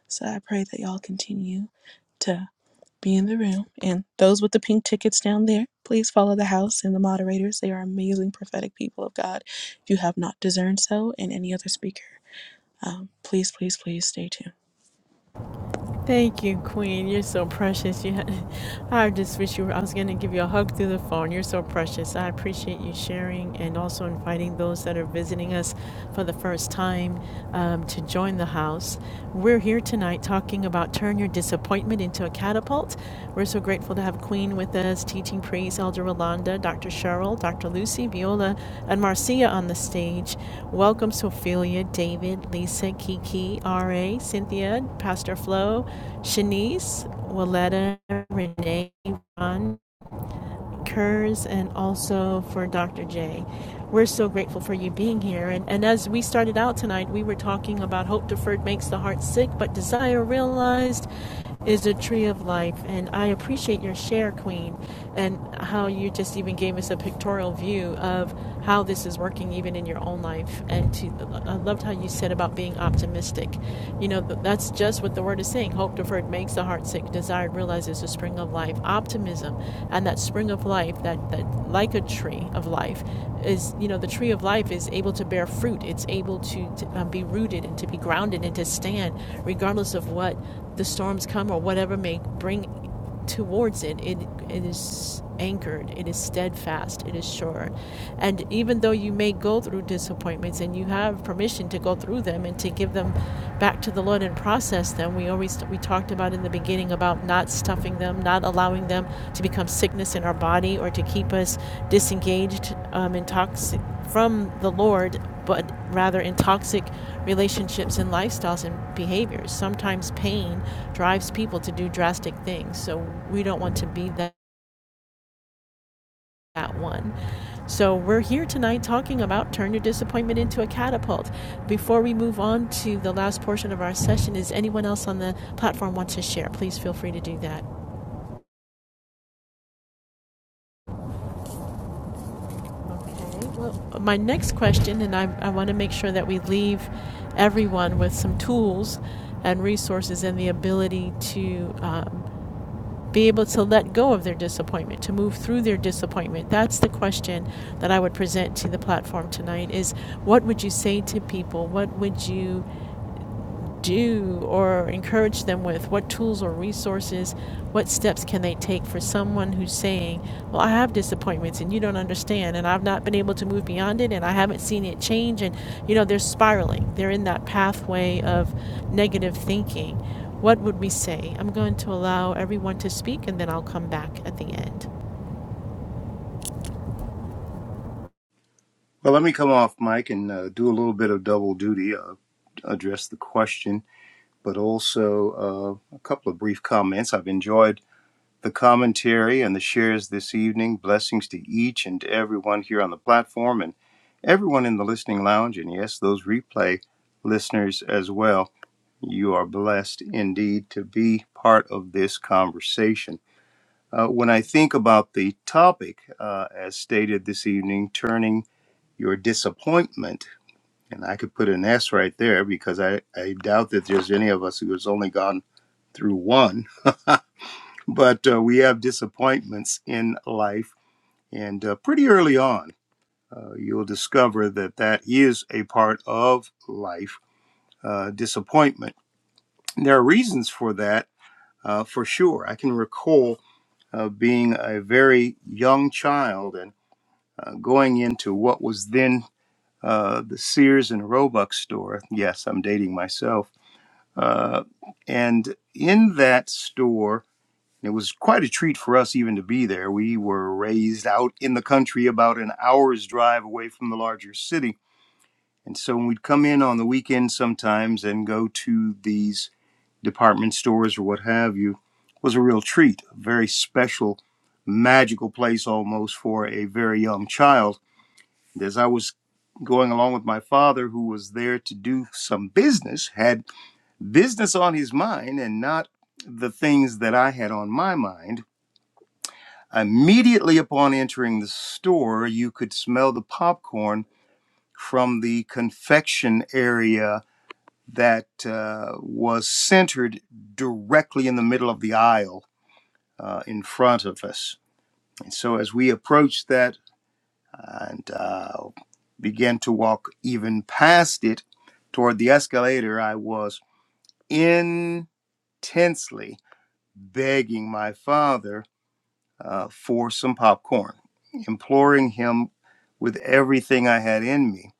C: So I pray that y'all continue to be in the room. And those with the pink tickets down there, please follow the house and the moderators. They are amazing prophetic people of God. If you have not discerned so, and any other speaker, um, please, please, please stay tuned.
A: Thank you, Queen. You're so precious. You, had, I just wish you were. I was going to give you a hug through the phone. You're so precious. I appreciate you sharing and also inviting those that are visiting us for the first time um, to join the house. We're here tonight talking about turn your disappointment into a catapult felt. We're so grateful to have Queen with us, teaching priest Elder Rolanda, Dr. Cheryl, Dr. Lucy, Viola, and Marcia on the stage. Welcome, Sophia, David, Lisa, Kiki, R.A., Cynthia, Pastor Flo, Shanice, Willetta, Renee, Ron. Kurz and also for Dr. J. We're so grateful for you being here. And, and as we started out tonight, we were talking about hope deferred makes the heart sick, but desire realized is a tree of life. And I appreciate your share, Queen, and how you just even gave us a pictorial view of how this is working even in your own life. And to, I loved how you said about being optimistic. You know, that's just what the word word is saying. Hope deferred makes the heart sick. Desire realizes the spring of life. Optimism and that spring of life, that, that like a tree of life, is you know the tree of life is able to bear fruit. It's able to, to um, be rooted and to be grounded and to stand regardless of what the storms come or whatever may bring towards it, it it is anchored, it is steadfast, it is sure. And even though you may go through disappointments and you have permission to go through them and to give them back to the Lord and process them, we always we talked about in the beginning about not stuffing them, not allowing them to become sickness in our body or to keep us disengaged um, and toxic from the Lord but rather in toxic relationships and lifestyles and behaviors. Sometimes pain drives people to do drastic things, so we don't want to be that, that one. So we're here tonight talking about turn your disappointment into a catapult. Before we move on to the last portion of our session, is anyone else on the platform want to share? Please feel free to do that. Okay, well, my next question, and I, I want to make sure that we leave everyone with some tools and resources and the ability to um, be able to let go of their disappointment, to move through their disappointment? That's the question that I would present to the platform tonight is what would you say to people? What would you do or encourage them with? What tools or resources, what steps can they take for someone who's saying, Well, I have disappointments and you don't understand, and I've not been able to move beyond it, and I haven't seen it change, and you know, they're spiraling, they're in that pathway of negative thinking. What would we say? I'm going to allow everyone to speak and then I'll come back at the end.
G: Well, let me come off, Mike, and uh, do a little bit of double duty, uh, address the question, but also uh, a couple of brief comments. I've enjoyed the commentary and the shares this evening. Blessings to each and everyone here on the platform and everyone in the listening lounge, and yes, those replay listeners as well. You are blessed indeed to be part of this conversation. Uh, when I think about the topic, uh, as stated this evening, turning your disappointment and I could put an S right there because I, I doubt that there's any of us who has only gone through one. But uh, we have disappointments in life. And uh, pretty early on, uh, you'll discover that that is a part of life uh, disappointment. There are reasons for that, uh, for sure. I can recall uh, being a very young child and uh, going into what was then uh, the Sears and Roebuck store. Yes, I'm dating myself Uh, and in that store, it was quite a treat for us even to be there. We were raised out in the country about an hour's drive away from the larger city. And so when we'd come in on the weekend sometimes and go to these department stores or what have you, was a real treat, a very special, magical place almost for a very young child. As I was going along with my father, who was there to do some business, had business on his mind and not the things that I had on my mind. Immediately upon entering the store, you could smell the popcorn from the confection area that uh, was centered directly in the middle of the aisle uh, in front of us. And so, as we approached that and uh, began to walk even past it toward the escalator, I was intensely begging my father uh, for some popcorn, imploring him with everything I had in me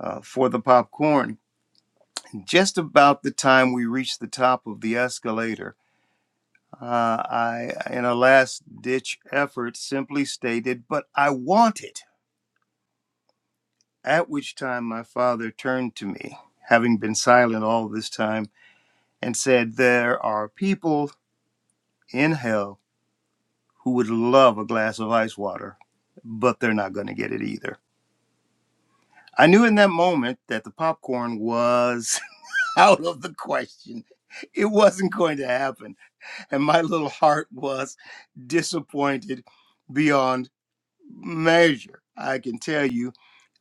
G: uh, for the popcorn. Just about the time we reached the top of the escalator, uh, I, in a last ditch effort, simply stated, But I want it. At which time my father turned to me, having been silent all this time, and said, There are people in hell who would love a glass of ice water, but they're not going to get it either. I knew in that moment that the popcorn was out of the question. It wasn't going to happen. And my little heart was disappointed beyond measure. I can tell you,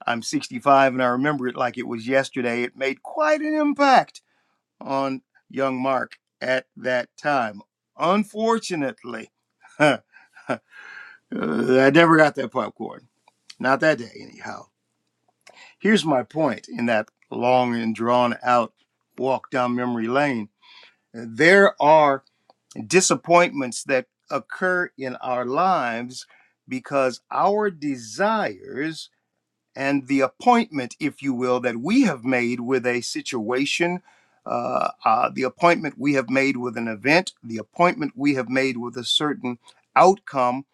G: I'm 65 and I remember it like it was yesterday. It made quite an impact on young Mark at that time. Unfortunately, I never got that popcorn. Not that day, anyhow. Here's my point in that long and drawn out walk down memory lane. There are disappointments that occur in our lives because our desires and the appointment, if you will, that we have made with a situation, uh, uh, the appointment we have made with an event, the appointment we have made with a certain outcome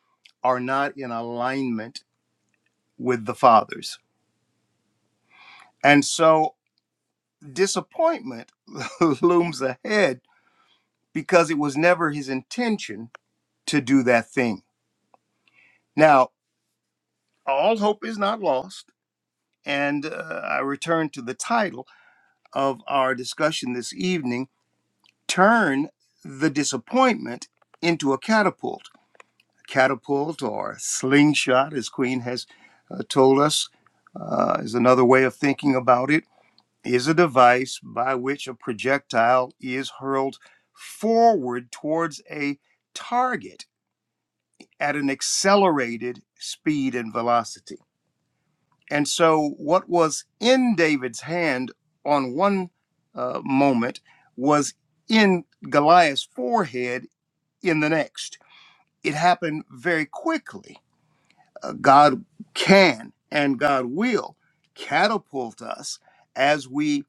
G: are not in alignment with the Father's. And so disappointment looms ahead because it was never his intention to do that thing. Now, all hope is not lost, and uh, I return to the title of our discussion this evening Turn the Disappointment into a Catapult. Catapult or slingshot, as Queen has uh, told us, uh, is another way of thinking about it is a device by which a projectile is hurled forward towards a target at an accelerated speed and velocity. And so, what was in David's hand on one uh, moment was in Goliath's forehead in the next. It happened very quickly Uh, God can and God will catapult us as we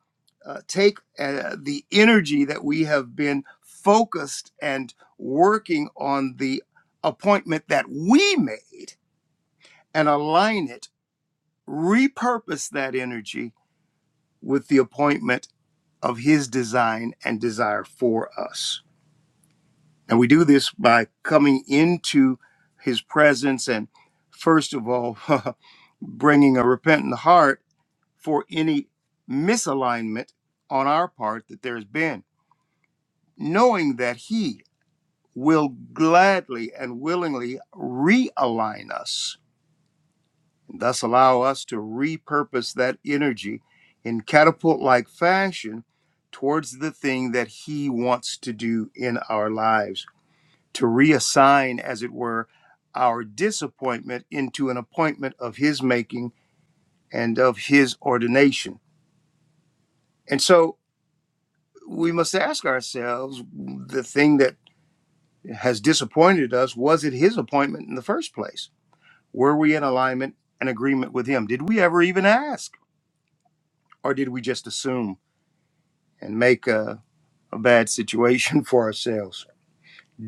G: uh, take uh, the energy that we have been focused and working on the appointment that we made and align it, repurpose that energy with the appointment of His design and desire for us. And we do this by coming into his presence and, first of all, bringing a repentant heart for any misalignment on our part that there's been, knowing that he will gladly and willingly realign us and thus allow us to repurpose that energy in catapult like fashion towards the thing that he wants to do in our lives. to reassign, as it were, our disappointment into an appointment of His making and of His ordination. And so we must ask ourselves the thing that has disappointed us was it His appointment in the first place? Were we in alignment and agreement with Him? Did we ever even ask? Or did we just assume and make a, a bad situation for ourselves?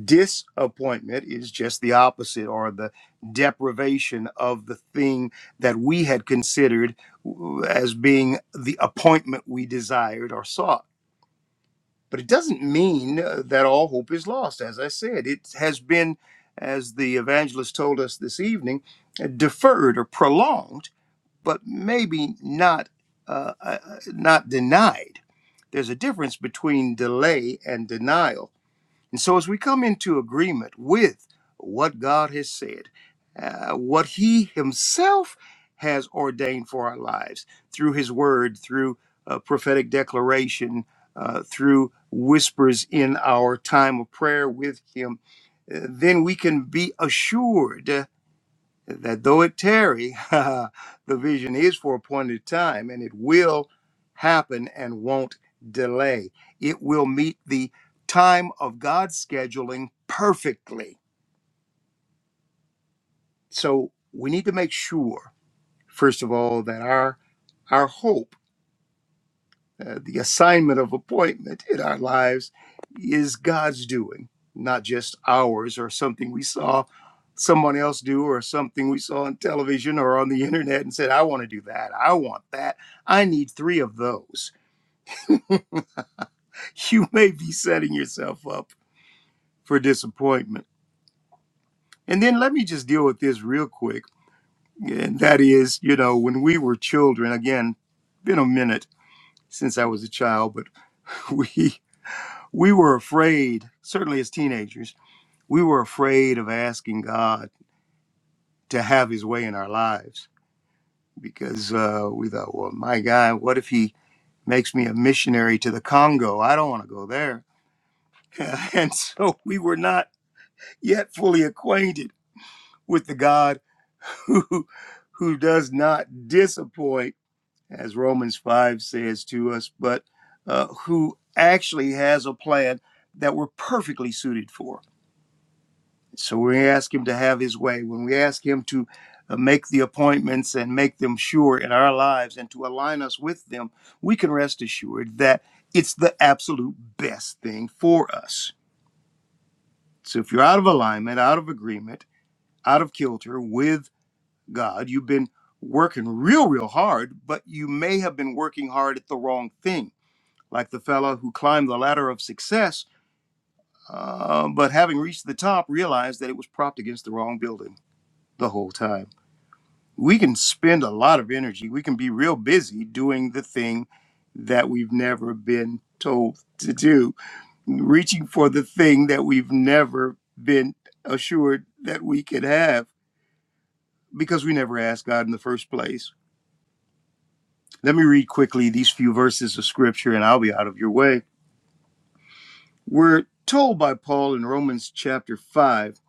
G: Disappointment is just the opposite or the deprivation of the thing that we had considered as being the appointment we desired or sought. But it doesn't mean uh, that all hope is lost. As I said, it has been, as the evangelist told us this evening, uh, deferred or prolonged, but maybe not uh, uh, not denied. There's a difference between delay and denial and so, as we come into agreement with what God has said, uh, what He Himself has ordained for our lives through His Word, through uh, prophetic declaration, uh, through whispers in our time of prayer with Him, uh, then we can be assured that though it tarry, the vision is for appointed time and it will happen and won't delay. It will meet the time of God's scheduling perfectly. So we need to make sure, first of all, that our our hope Uh, the assignment of appointment in our lives is God's doing, not just ours or something we saw someone else do or something we saw on television or on the internet and said, I want to do that. I want that. I need three of those. You may be setting yourself up for disappointment. And then let me just deal with this real quick. And that is, you know, when we were children, again, been a minute since I was a child, but we we were afraid, certainly as teenagers, we were afraid of asking God to have his way in our lives because uh, we thought, well, my God, what if he makes me a missionary to the Congo? I don't want to go there. And so we were not yet fully acquainted with the God who, who does not disappoint, as Romans 5 says to us, but uh, who actually has a plan that we're perfectly suited for So we ask Him to have His way. When we ask Him to uh, make the appointments and make them sure in our lives and to align us with them, we can rest assured that it's the absolute best thing for us. So if you're out of alignment, out of agreement, out of kilter with God, you've been working real, real hard, but you may have been working hard at the wrong thing. Like the fellow who climbed the ladder of success, uh, but having reached the top, realized that it was propped against the wrong building the whole time. we can spend a lot of energy. We can be real busy doing the thing that we've never been told to do, reaching for the thing that we've never been assured that we could have because we never asked God in the first place. Let me read quickly these few verses of scripture and I'll be out of your way. We're told by Paul in Romans chapter 5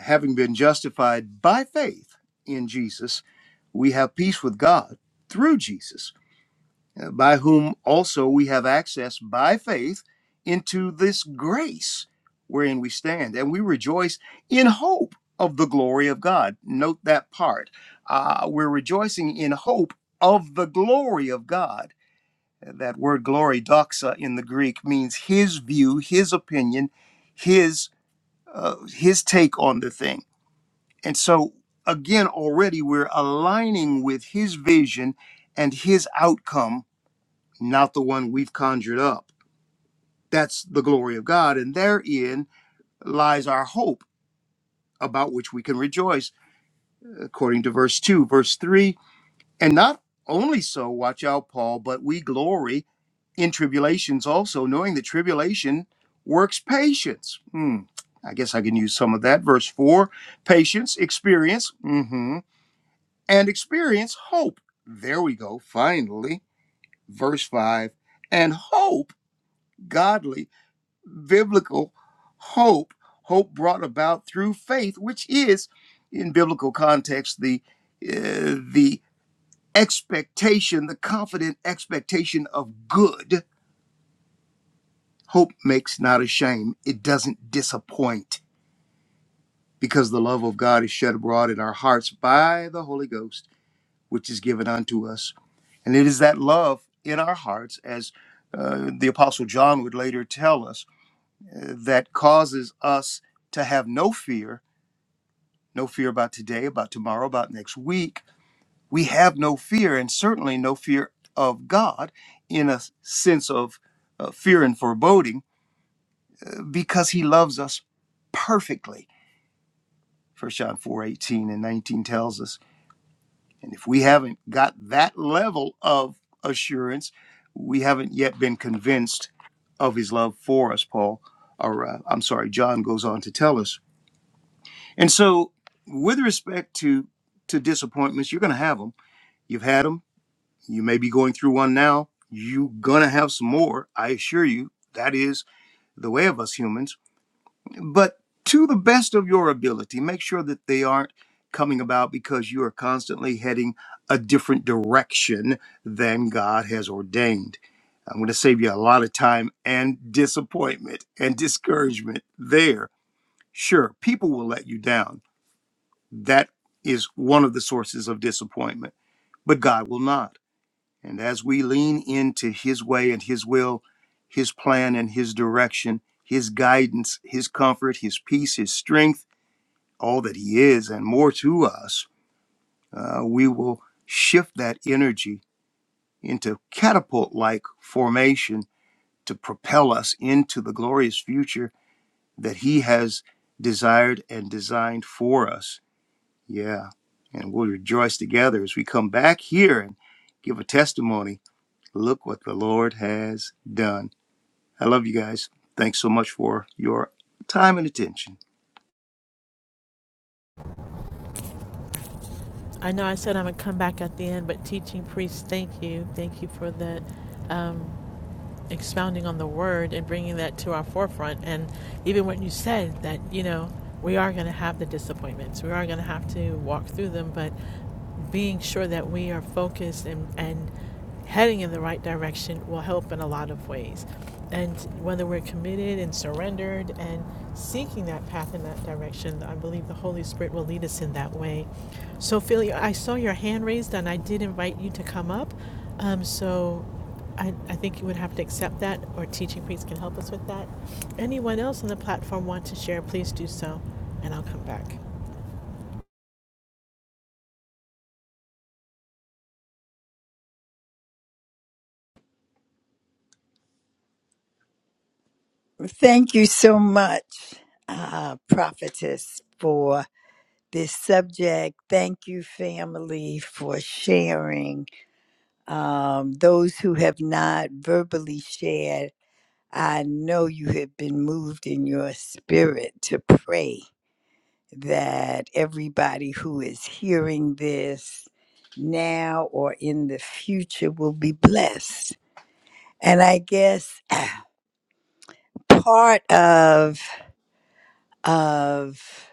G: having been justified by faith in Jesus, we have peace with God through Jesus uh, by whom also we have access by faith into this grace wherein we stand, and we rejoice in hope of the glory of God. Note that part. Uh, we're rejoicing in hope of the glory of God. That word glory, doxa, in the Greek means his view, his opinion, his uh, his take on the thing. And so, again, already we're aligning with his vision and his outcome not the one we've conjured up. That's the glory of God, and therein lies our hope about which we can rejoice, according to verse 2. Verse 3 And not only so, watch out, Paul, but we glory in tribulations also, knowing that tribulation works patience. Hmm. I guess I can use some of that. Verse 4 Patience, experience, mhm, and experience, hope. There we go, finally. Verse 5 And hope, godly biblical hope, hope brought about through faith, which is, in biblical context, the uh, the expectation, the confident expectation of good. Hope makes not ashamed; it doesn't disappoint, because the love of God is shed abroad in our hearts by the Holy Ghost, which is given unto us. And it is that love in our hearts, as uh, the Apostle John would later tell us, uh, that causes us to have no fear no fear about today, about tomorrow, about next week. We have no fear, and certainly no fear of God in a sense of uh, fear and foreboding, because He loves us perfectly. First John 4 18 and 19 tells us. And if we haven't got that level of assurance, we haven't yet been convinced of His love for us, Paul, or uh, I'm sorry, John goes on to tell us. And so, with respect to, to disappointments, you're going to have them. You've had had them. You may be going through one now. You're going to have some more, I assure you. That is the way of us humans. But to the best of your ability, make sure that they aren't coming about because you are constantly heading a different direction than God has ordained. I'm going to save you a lot of time and disappointment and discouragement there. Sure, people will let you down. That is one of the sources of disappointment, but God will not. And as we lean into His way and His will, His plan and His direction, His guidance, His comfort, His peace, His strength, all that He is and more to us, uh, we will shift that energy into catapult like formation to propel us into the glorious future that He has desired and designed for us. Yeah. And we'll rejoice together as we come back here and give a testimony Look what the Lord has done. I love you guys. Thanks so much for your time and attention.
A: I know I said I'm going to come back at the end, but teaching priest, thank you. Thank you for that um, expounding on the word and bringing that to our forefront. And even when you said that, you know, we are going to have the disappointments, we are going to have to walk through them, but being sure that we are focused and, and heading in the right direction will help in a lot of ways. And whether we're committed and surrendered and seeking that path in that direction, I believe the Holy Spirit will lead us in that way. So, Philly, I saw your hand raised and I did invite you to come up. Um, so, I, I think you would have to accept that, or teaching priest can help us with that. Anyone else on the platform want to share, please do so, and I'll come back.
H: Thank you so much, uh, Prophetess, for this subject. Thank you, family, for sharing. Um, those who have not verbally shared, I know you have been moved in your spirit to pray that everybody who is hearing this now or in the future will be blessed. And I guess part of of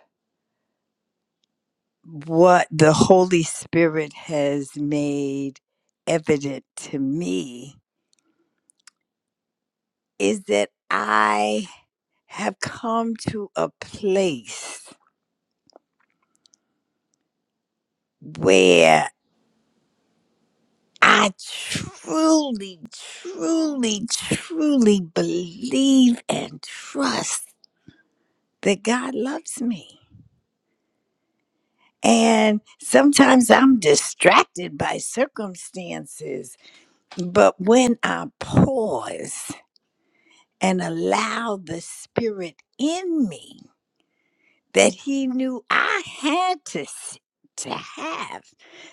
H: what the Holy Spirit has made evident to me is that I have come to a place where I truly, truly, truly believe and trust that God loves me. And sometimes I'm distracted by circumstances, but when I pause, and allow the spirit in me that he knew I had to s- to have.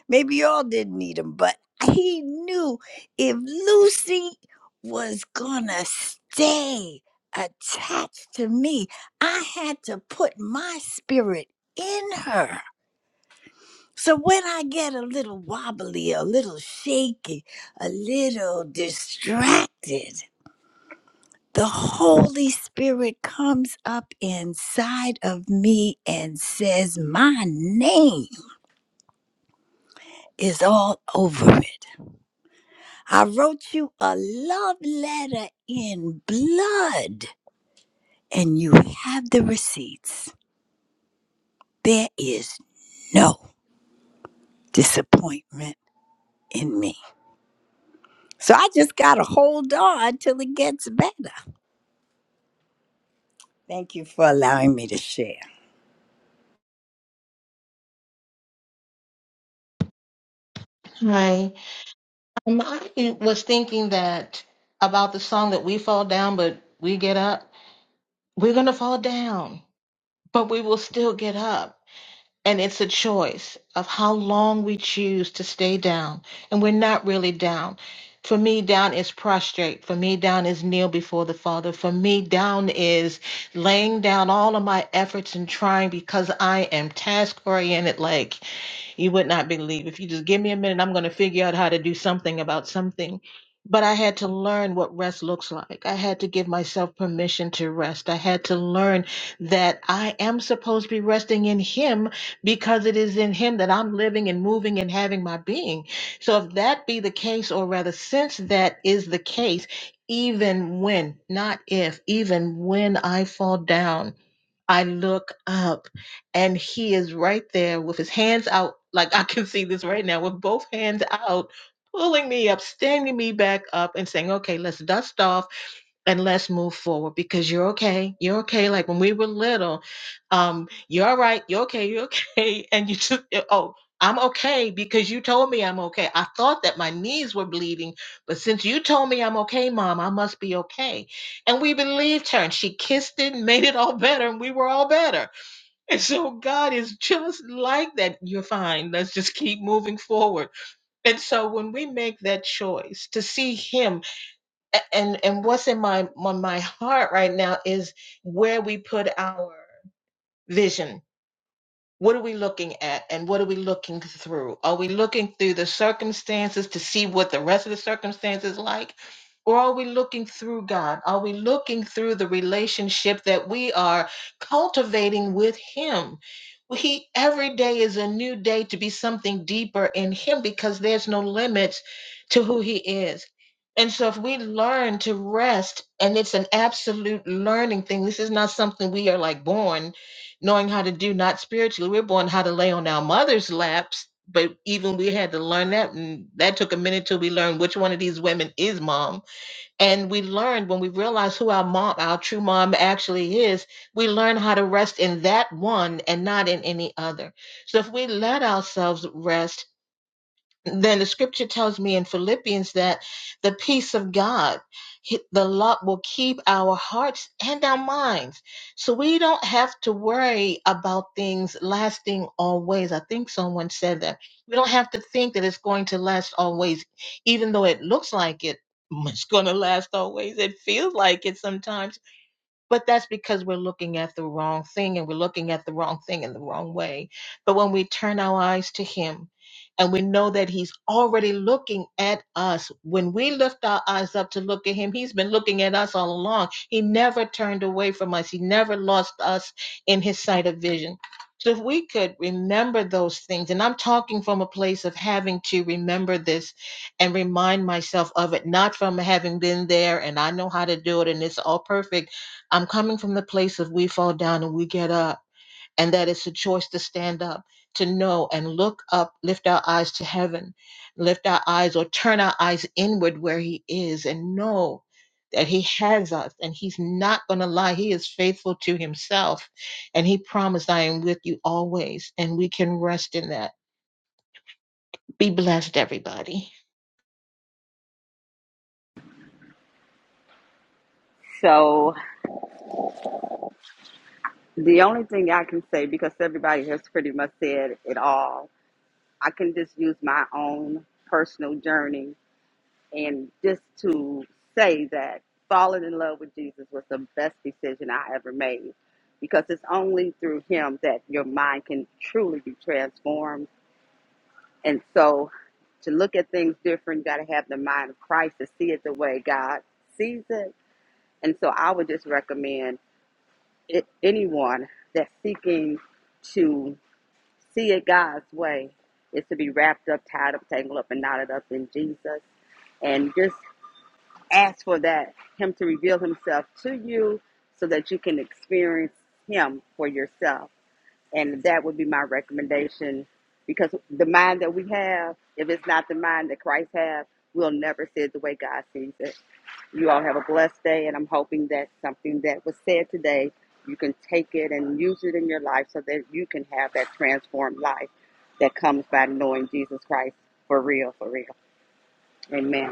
H: Maybe y'all didn't need him, but he knew if Lucy was gonna stay attached to me, I had to put my spirit in her. So when I get a little wobbly, a little shaky, a little distracted, the Holy Spirit comes up inside of me and says, My name is all over it. I wrote you a love letter in blood, and you have the receipts. There is no disappointment in me. So I just got to hold on till it gets better. Thank you for allowing me to share.
E: Hi. Um, I was thinking that about the song that we fall down, but we get up. We're going to fall down, but we will still get up. And it's a choice of how long we choose to stay down. And we're not really down. For me, down is prostrate. For me, down is kneel before the Father. For me, down is laying down all of my efforts and trying because I am task oriented. Like, you would not believe. If you just give me a minute, I'm going to figure out how to do something about something. But I had to learn what rest looks like. I had to give myself permission to rest. I had to learn that I am supposed to be resting in Him because it is in Him that I'm living and moving and having my being. So, if that be the case, or rather, since that is the case, even when, not if, even when I fall down, I look up and he is right there with his hands out. Like I can see this right now with both hands out, pulling me up, standing me back up, and saying, Okay, let's dust off and let's move forward because you're okay. You're okay. Like when we were little, um, you're all right. You're okay. You're okay. And you took, oh, I'm okay because you told me I'm okay. I thought that my knees were bleeding, but since you told me I'm okay, mom, I must be okay. And we believed her and she kissed it and made it all better and we were all better. And so God is just like that. You're fine. Let's just keep moving forward. And so when we make that choice to see Him a- and and what's in my my, my heart right now is where we put our vision what are we looking at and what are we looking through? Are we looking through the circumstances to see what the rest of the circumstances like? Or are we looking through God? Are we looking through the relationship that we are cultivating with Him? He every day is a new day to be something deeper in Him because there's no limits to who He is. And so, if we learn to rest, and it's an absolute learning thing, this is not something we are like born knowing how to do not spiritually. We're born how to lay on our mother's laps, but even we had to learn that, and that took a minute till we learned which one of these women is mom. And we learned when we realized who our mom, our true mom, actually is. We learn how to rest in that one and not in any other. So if we let ourselves rest then the scripture tells me in Philippians that the peace of God, the love will keep our hearts and our minds. So we don't have to worry about things lasting always. I think someone said that. We don't have to think that it's going to last always, even though it looks like it. It's going to last always. It feels like it sometimes but that's because we're looking at the wrong thing and we're looking at the wrong thing in the wrong way. But when we turn our eyes to Him and we know that He's already looking at us, when we lift our eyes up to look at Him, He's been looking at us all along. He never turned away from us, He never lost us in His sight of vision. So if we could remember those things, and I'm talking from a place of having to remember this and remind myself of it, not from having been there and I know how to do it and it's all perfect I'm coming from the place of we fall down and we get up, and that it's a choice to stand up, to know and look up, lift our eyes to heaven, lift our eyes or turn our eyes inward where He is, and know that He has us and He's not going to lie. He is faithful to Himself, and He promised, I am with you always, and we can rest in that be blessed, everybody.
B: So the only thing I can say, because everybody has pretty much said it all, I can just use my own personal journey And just to say that falling in love with Jesus was the best decision I ever made because it's only through him that your mind can truly be transformed. And so to look at things different, you got to have the mind of Christ to see it the way God sees it. And so I would just recommend it, anyone that's seeking to see it God's way is to be wrapped up, tied up, tangled up, and knotted up in Jesus and just ask for that him to reveal himself to you so that you can experience him for yourself and that would be my recommendation because the mind that we have if it's not the mind that christ has we'll never see it the way god sees it you all have a blessed day and i'm hoping that something that was said today you can take it and use it in your life so that you can have that transformed life that comes by knowing jesus christ for real for real amen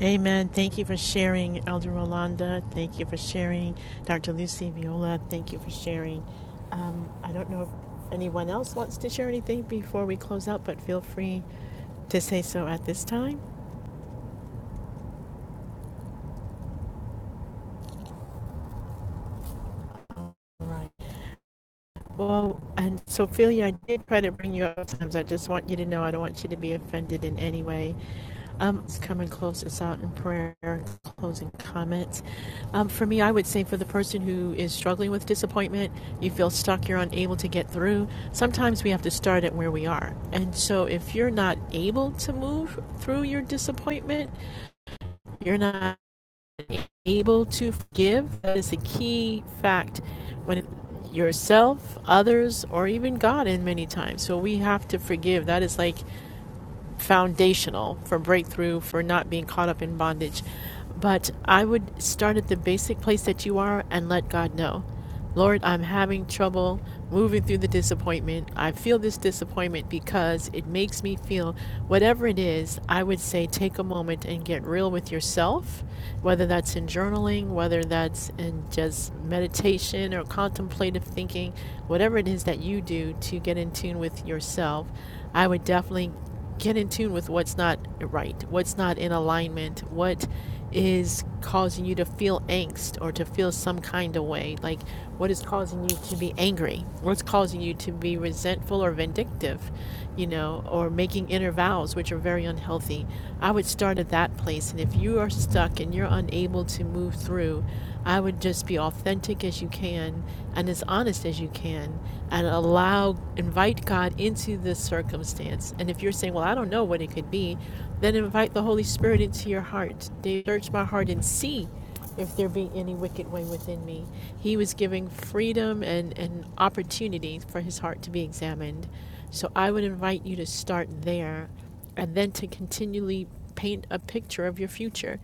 A: Amen. Thank you for sharing, Elder Rolanda. Thank you for sharing, Dr. Lucy Viola. Thank you for sharing. Um, I don't know if anyone else wants to share anything before we close out, but feel free to say so at this time. All right. Well, and Sophia, I did try to bring you up sometimes. I just want you to know I don't want you to be offended in any way. Um, let's come and close this out in prayer, closing comments. Um, for me, I would say for the person who is struggling with disappointment, you feel stuck, you're unable to get through. Sometimes we have to start at where we are. And so if you're not able to move through your disappointment, you're not able to forgive that is a key fact when yourself, others, or even God in many times. So we have to forgive. That is like foundational for breakthrough, for not being caught up in bondage. But I would start at the basic place that you are and let God know. Lord, I'm having trouble moving through the disappointment. I feel this disappointment because it makes me feel whatever it is. I would say take a moment and get real with yourself, whether that's in journaling, whether that's in just meditation or contemplative thinking, whatever it is that you do to get in tune with yourself. I would definitely get in tune with what's not right, what's not in alignment, what is causing you to feel angst or to feel some kind of way. Like, what is causing you to be angry? What's causing you to be resentful or vindictive, you know, or making inner vows, which are very unhealthy? I would start at that place. And if you are stuck and you're unable to move through, I would just be authentic as you can and as honest as you can and allow, invite God into this circumstance. And if you're saying, well, I don't know what it could be, then invite the Holy Spirit into your heart. They search my heart and see if there be any wicked way within me. He was giving freedom and, and opportunity for his heart to be examined. So I would invite you to start there and then to continually paint a picture of your future.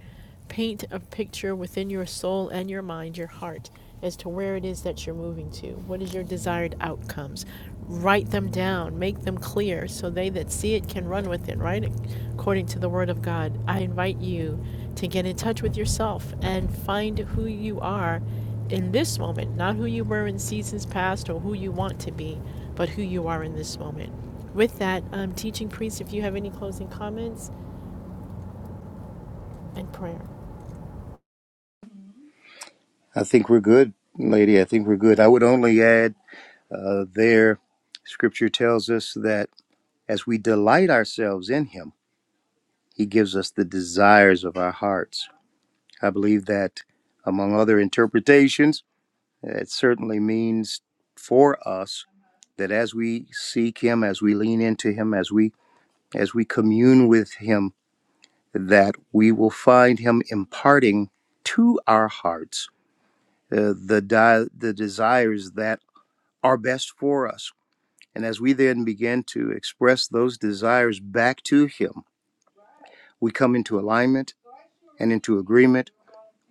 A: Paint a picture within your soul and your mind, your heart, as to where it is that you're moving to. What is your desired outcomes? Write them down, make them clear, so they that see it can run with it, right? According to the Word of God. I invite you to get in touch with yourself and find who you are in this moment, not who you were in seasons past or who you want to be, but who you are in this moment. With that, um, teaching priest, if you have any closing comments and prayer.
G: I think we're good, lady. I think we're good. I would only add uh, there, scripture tells us that as we delight ourselves in Him, He gives us the desires of our hearts. I believe that, among other interpretations, it certainly means for us that as we seek Him, as we lean into Him, as we as we commune with Him, that we will find Him imparting to our hearts uh, the, di- the desires that are best for us. And as we then begin to express those desires back to Him, we come into alignment and into agreement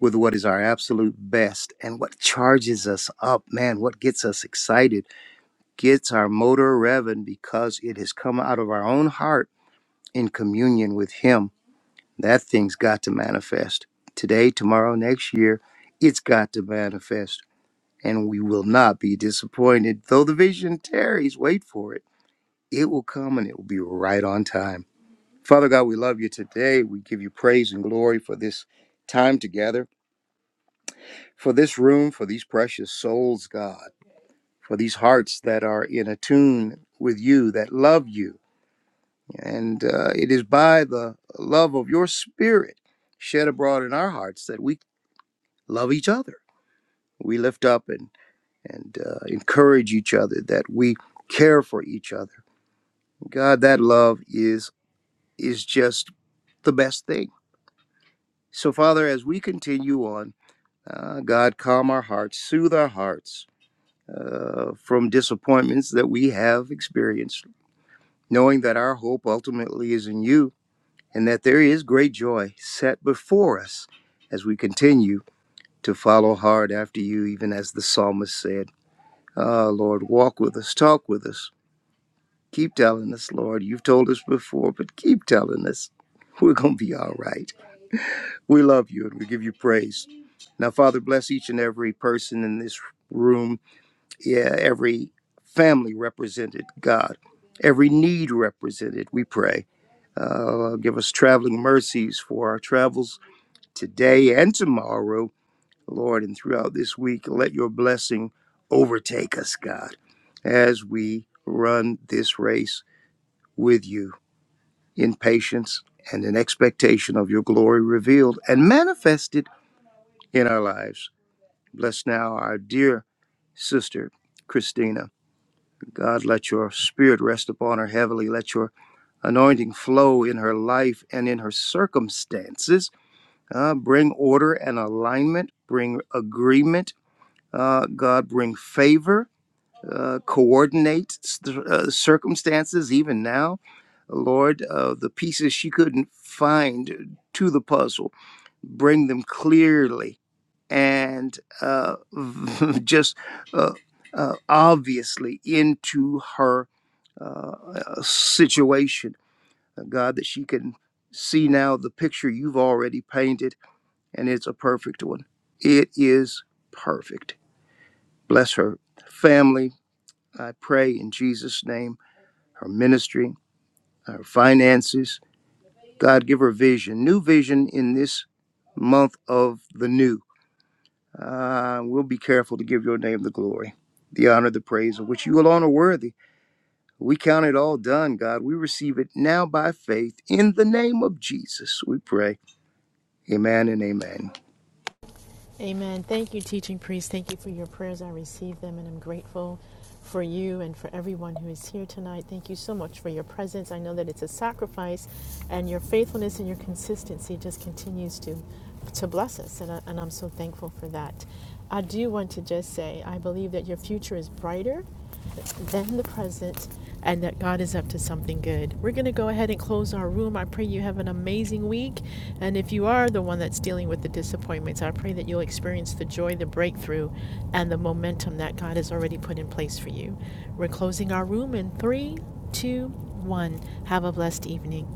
G: with what is our absolute best and what charges us up, man, what gets us excited, gets our motor revving because it has come out of our own heart in communion with Him That thing's got to manifest. Today, tomorrow, next year, it's got to manifest. And we will not be disappointed. Though the vision tarries, wait for it. It will come and it will be right on time. Father God, we love you today. We give you praise and glory for this time together, for this room, for these precious souls, God, for these hearts that are in attune with you, that love you. And uh, it is by the love of your spirit shed abroad in our hearts that we love each other. We lift up and and uh, encourage each other. That we care for each other. God, that love is is just the best thing. So, Father, as we continue on, uh, God, calm our hearts, soothe our hearts uh, from disappointments that we have experienced, knowing that our hope ultimately is in you and that there is great joy set before us as we continue to follow hard after you, even as the psalmist said. Ah, Lord, walk with us, talk with us. Keep telling us, Lord. You've told us before, but keep telling us. We're going to be all right. We love you and we give you praise. Now, Father, bless each and every person in this room, yeah, every family represented, God, every need represented, we pray. Uh, give us traveling mercies for our travels today and tomorrow Lord, and throughout this week, let your blessing overtake us, God, as we run this race with you in patience and in expectation of your glory revealed and manifested in our lives. Bless now our dear sister, Christina. God, let your spirit rest upon her heavily. Let your anointing flow in her life and in her circumstances. Uh, bring order and alignment, bring agreement Uh, God, bring favor, uh, coordinate st- uh, circumstances, even now. Lord, uh, the pieces she couldn't find to the puzzle, bring them clearly and uh, just uh, uh, obviously into her uh, situation. Uh, God, that she can see now the picture you've already painted, and it's a perfect one. It is perfect. Bless her family I pray in Jesus' name, her ministry, her finances. God, give her vision, new vision in this month of the new. Uh, we'll be careful to give your name the glory, the honor, the praise of which you alone are worthy. We count it all done, God. We receive it now by faith in the name of Jesus. We pray. Amen and amen.
A: Amen. Thank you, teaching priest. Thank you for your prayers. I received them and I'm grateful for you and for everyone who is here tonight. Thank you so much for your presence. I know that it's a sacrifice and your faithfulness and your consistency just continues to to bless us and, I, and I'm so thankful for that. I do want to just say I believe that your future is brighter than the present and that God is up to something good. We're going to go ahead and close our room. I pray you have an amazing week. And if you are the one that's dealing with the disappointments, I pray that you'll experience the joy, the breakthrough, and the momentum that God has already put in place for you. We're closing our room in three, two, one. Have a blessed evening.